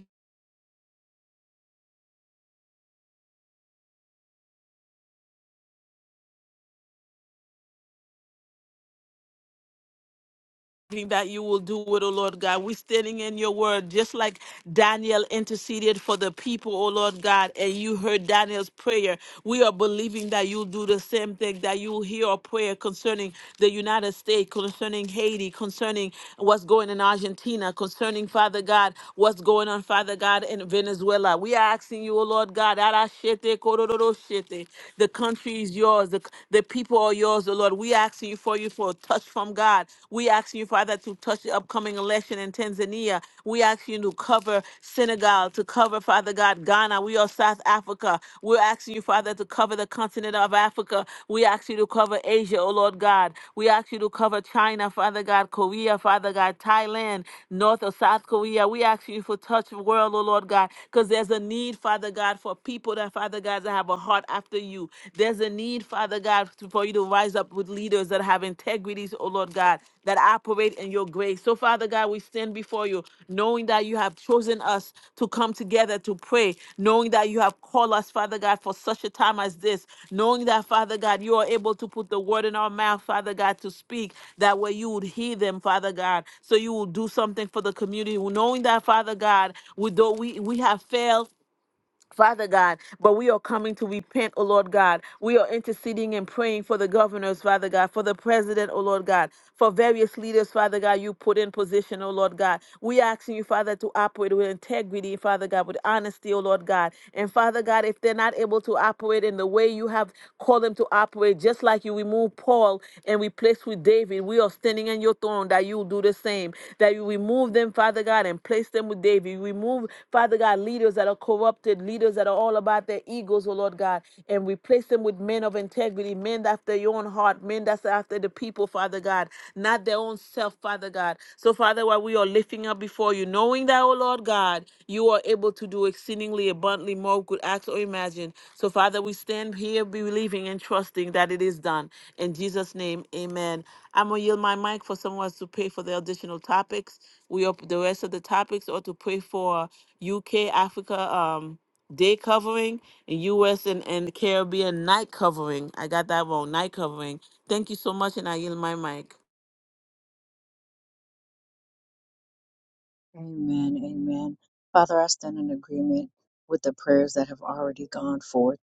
[SPEAKER 1] believing that you will do it, O Lord God. We're standing in your word, just like Daniel interceded for the people, O Lord God, and you heard Daniel's prayer. We are believing that you'll do the same thing, that you'll hear our prayer concerning the United States, concerning Haiti, concerning what's going in Argentina, concerning, Father God, what's going on, Father God, in Venezuela. We are asking you, O Lord God, Arashete, kororo shete. the country is yours, the, the people are yours, O Lord. Lord. We asking you for you for a touch from God. We asking you, Father, to touch the upcoming election in Tanzania. We asking you to cover Senegal, to cover, Father God, Ghana. We are South Africa. We're asking you, Father, to cover the continent of Africa. We ask you to cover Asia, oh Lord God. We ask you to cover China, Father God, Korea, Father God, Thailand, North or South Korea. We ask you for touch the world, oh Lord God, because there's a need, Father God, for people that, Father God, that have a heart after after you. There's a need, Father God, to- for you to rise up with leaders that have integrities, oh Lord God, that operate in your grace. So, Father God, we stand before you, knowing that you have chosen us to come together to pray, knowing that you have called us, Father God, for such a time as this, knowing that, Father God, you are able to put the word in our mouth, Father God, to speak. That way you would hear them, Father God, so you will do something for the community. Knowing that, Father God, we, though we, we have failed, Father God, but we are coming to repent, O Lord God. We are interceding and praying for the governors, Father God, for the president, O Lord God, for various leaders, Father God, you put in position, O Lord God. We asking you, Father, to operate with integrity, Father God, with honesty, O Lord God. And Father God, if they're not able to operate in the way you have called them to operate, just like you remove Paul and replace with David, we are standing in your throne that you will do the same, that you remove them, Father God, and place them with David. Remove, Father God, leaders that are corrupted, leaders that are all about their egos, oh Lord God, and replace them with men of integrity, men after your own heart, men that's after the people, Father God, not their own self, Father God. So, Father, while we are lifting up before you, knowing that, oh Lord God, you are able to do exceedingly abundantly more we could ask or imagine. So, Father, we stand here believing and trusting that it is done. In Jesus' name, amen. I'm going to yield my mic for someone else to pay for the additional topics. We up the rest of the topics or to pray for UK, Africa, um, day covering and US and, and Caribbean night covering. I got that wrong, night covering. Thank you so much, and I yield my mic.
[SPEAKER 4] Amen. Amen. Father, I stand in agreement with the prayers that have already gone forth.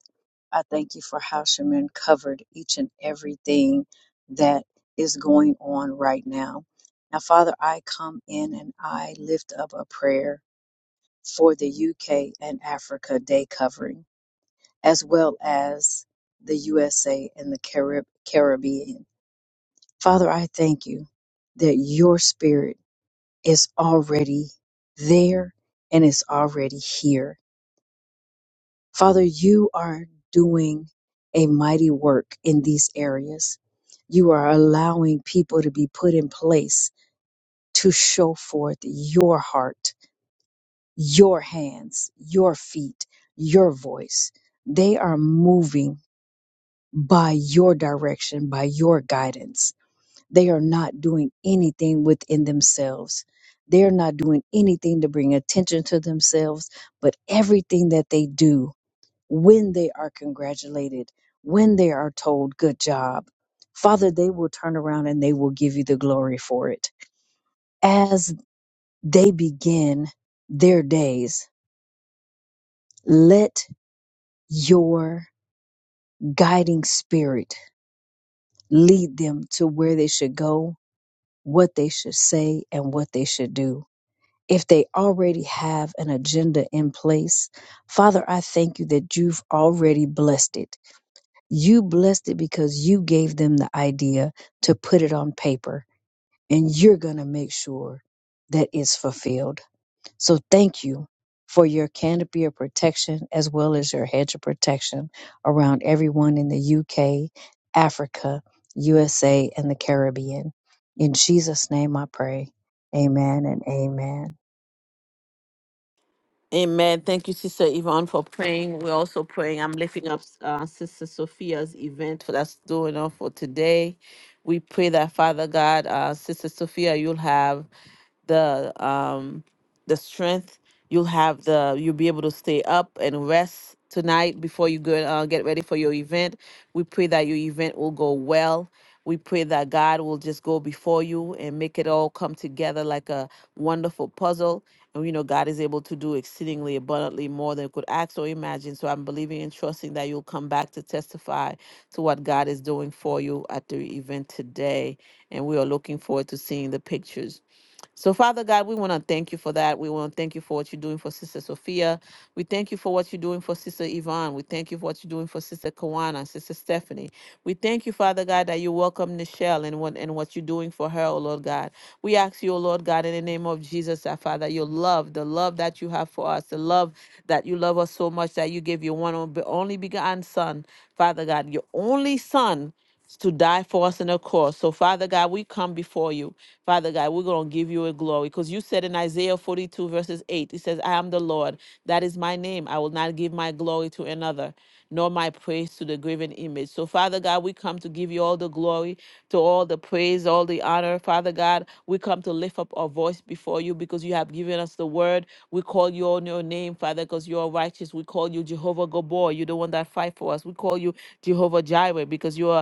[SPEAKER 4] I thank you for how Shemin covered each and everything that is going on right now. Now, Father, I come in and I lift up a prayer for the UK and Africa Day covering, as well as the USA and the Carib- Caribbean. Father, I thank you that your spirit is already there and is already here. Father, you are doing a mighty work in these areas. You are allowing people to be put in place to show forth your heart your hands, your feet, your voice. They are moving by your direction, by your guidance. They are not doing anything within themselves. They are not doing anything to bring attention to themselves, but everything that they do, when they are congratulated, when they are told, good job, Father, they will turn around and they will give you the glory for it. As they begin their days, let your guiding spirit lead them to where they should go, what they should say, and what they should do. If they already have an agenda in place, Father, I thank you that you've already blessed it. You blessed it because you gave them the idea to put it on paper, and you're going to make sure that it's fulfilled. So thank you for your canopy of protection as well as your hedge of protection around everyone in the UK, Africa, USA, and the Caribbean. In Jesus' name I pray. Amen and amen.
[SPEAKER 1] Amen. Thank you, Sister Yvonne, for praying. We're also praying. I'm lifting up uh, Sister Sophia's event for that's going on for today. We pray that Father God, uh, Sister Sophia, you'll have the um the strength you'll have the you'll be able to stay up and rest tonight before you go uh, get ready for your event we pray that your event will go well we pray that god will just go before you and make it all come together like a wonderful puzzle and we know god is able to do exceedingly abundantly more than you could ask or imagine so i'm believing and trusting that you'll come back to testify to what god is doing for you at the event today and we are looking forward to seeing the pictures so, Father God, we want to thank you for that. We want to thank you for what you're doing for Sister Sophia. We thank you for what you're doing for Sister Yvonne. We thank you for what you're doing for Sister Kawana, Sister Stephanie. We thank you, Father God, that you welcome Nichelle and what and what you're doing for her, oh Lord God. We ask you, oh Lord God, in the name of Jesus, our Father, your love, the love that you have for us, the love that you love us so much that you gave your one and only begotten Son, Father God, your only Son to die for us in a cross. So, Father God, we come before you. Father God, we're going to give you a glory because you said in Isaiah 42, verses 8, it says, I am the Lord. That is my name. I will not give my glory to another, nor my praise to the graven image. So, Father God, we come to give you all the glory, to all the praise, all the honor. Father God, we come to lift up our voice before you because you have given us the word. We call you on your name, Father, because you are righteous. We call you Jehovah Gabor. You're the one that fight for us. We call you Jehovah Jireh because you are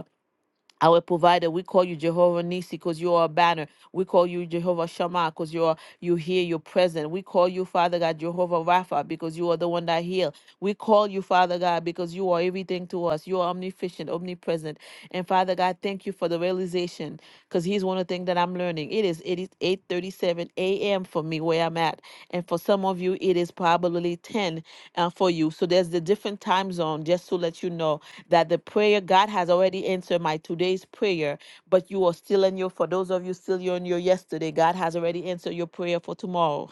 [SPEAKER 1] our provider. We call you Jehovah Nisi because you are a banner. We call you Jehovah Shammah because you are you hear your are present. We call you Father God Jehovah Rapha because you are the one that heal. We call you Father God because you are everything to us. You are omniscient, omnipresent. And Father God, thank you for the realization because here's one of the things that I'm learning. It is it is 8:37 a.m. for me where I'm at, and for some of you it is probably 10 uh, for you. So there's the different time zone just to let you know that the prayer God has already answered my today's prayer, but you are still in your for those of you still you're in your yesterday, God has already answered your prayer for tomorrow.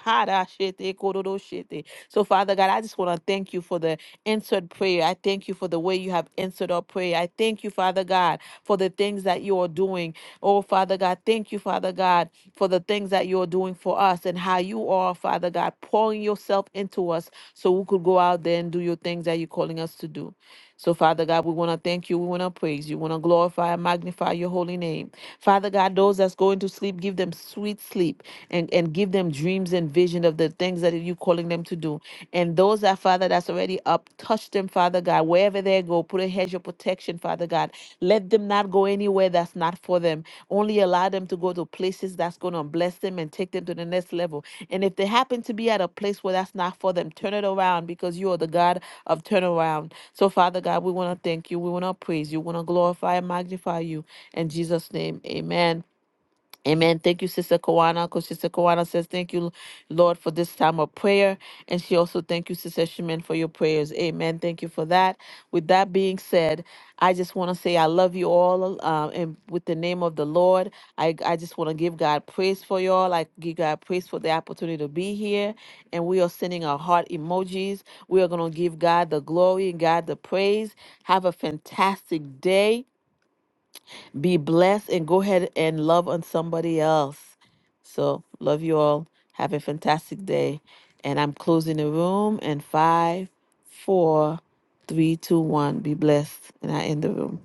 [SPEAKER 1] So Father God, I just want to thank you for the answered prayer. I thank you for the way you have answered our prayer. I thank you, Father God, for the things that you are doing Oh, Father God, thank you, Father God, for the things that you're doing for us and how you are, Father God, pouring yourself into us so we could go out there and do your things that you're calling us to do. So, Father God, we want to thank you. We want to praise you. We want to glorify and magnify your holy name. Father God, those that's going to sleep, give them sweet sleep and, and give them dreams and vision of the things that you're calling them to do. And those that, Father. Father, that's already up. Touch them, Father God. Wherever they go, put a hedge of protection, Father God. Let them not go anywhere that's not for them. Only allow them to go to places that's going to bless them and take them to the next level. And if they happen to be at a place where that's not for them, turn it around because you are the God of turnaround. So, Father God, we want to thank you. We want to praise you. We want to glorify and magnify you. In Jesus' name, amen. Amen. Thank you, Sister Kawana. Because Sister Kawana says, Thank you, Lord, for this time of prayer. And she also thank you, Sister Shemin, for your prayers. Amen. Thank you for that. With that being said, I just want to say I love you all. Um, and with the name of the Lord, I, I just want to give God praise for y'all. I give God praise for the opportunity to be here. And we are sending our heart emojis. We are going to give God the glory and God the praise. Have a fantastic day. Be blessed and go ahead and love on somebody else. So, love you all. Have a fantastic day. And I'm closing the room in five, four, three, two, one. Be blessed. And I end the room.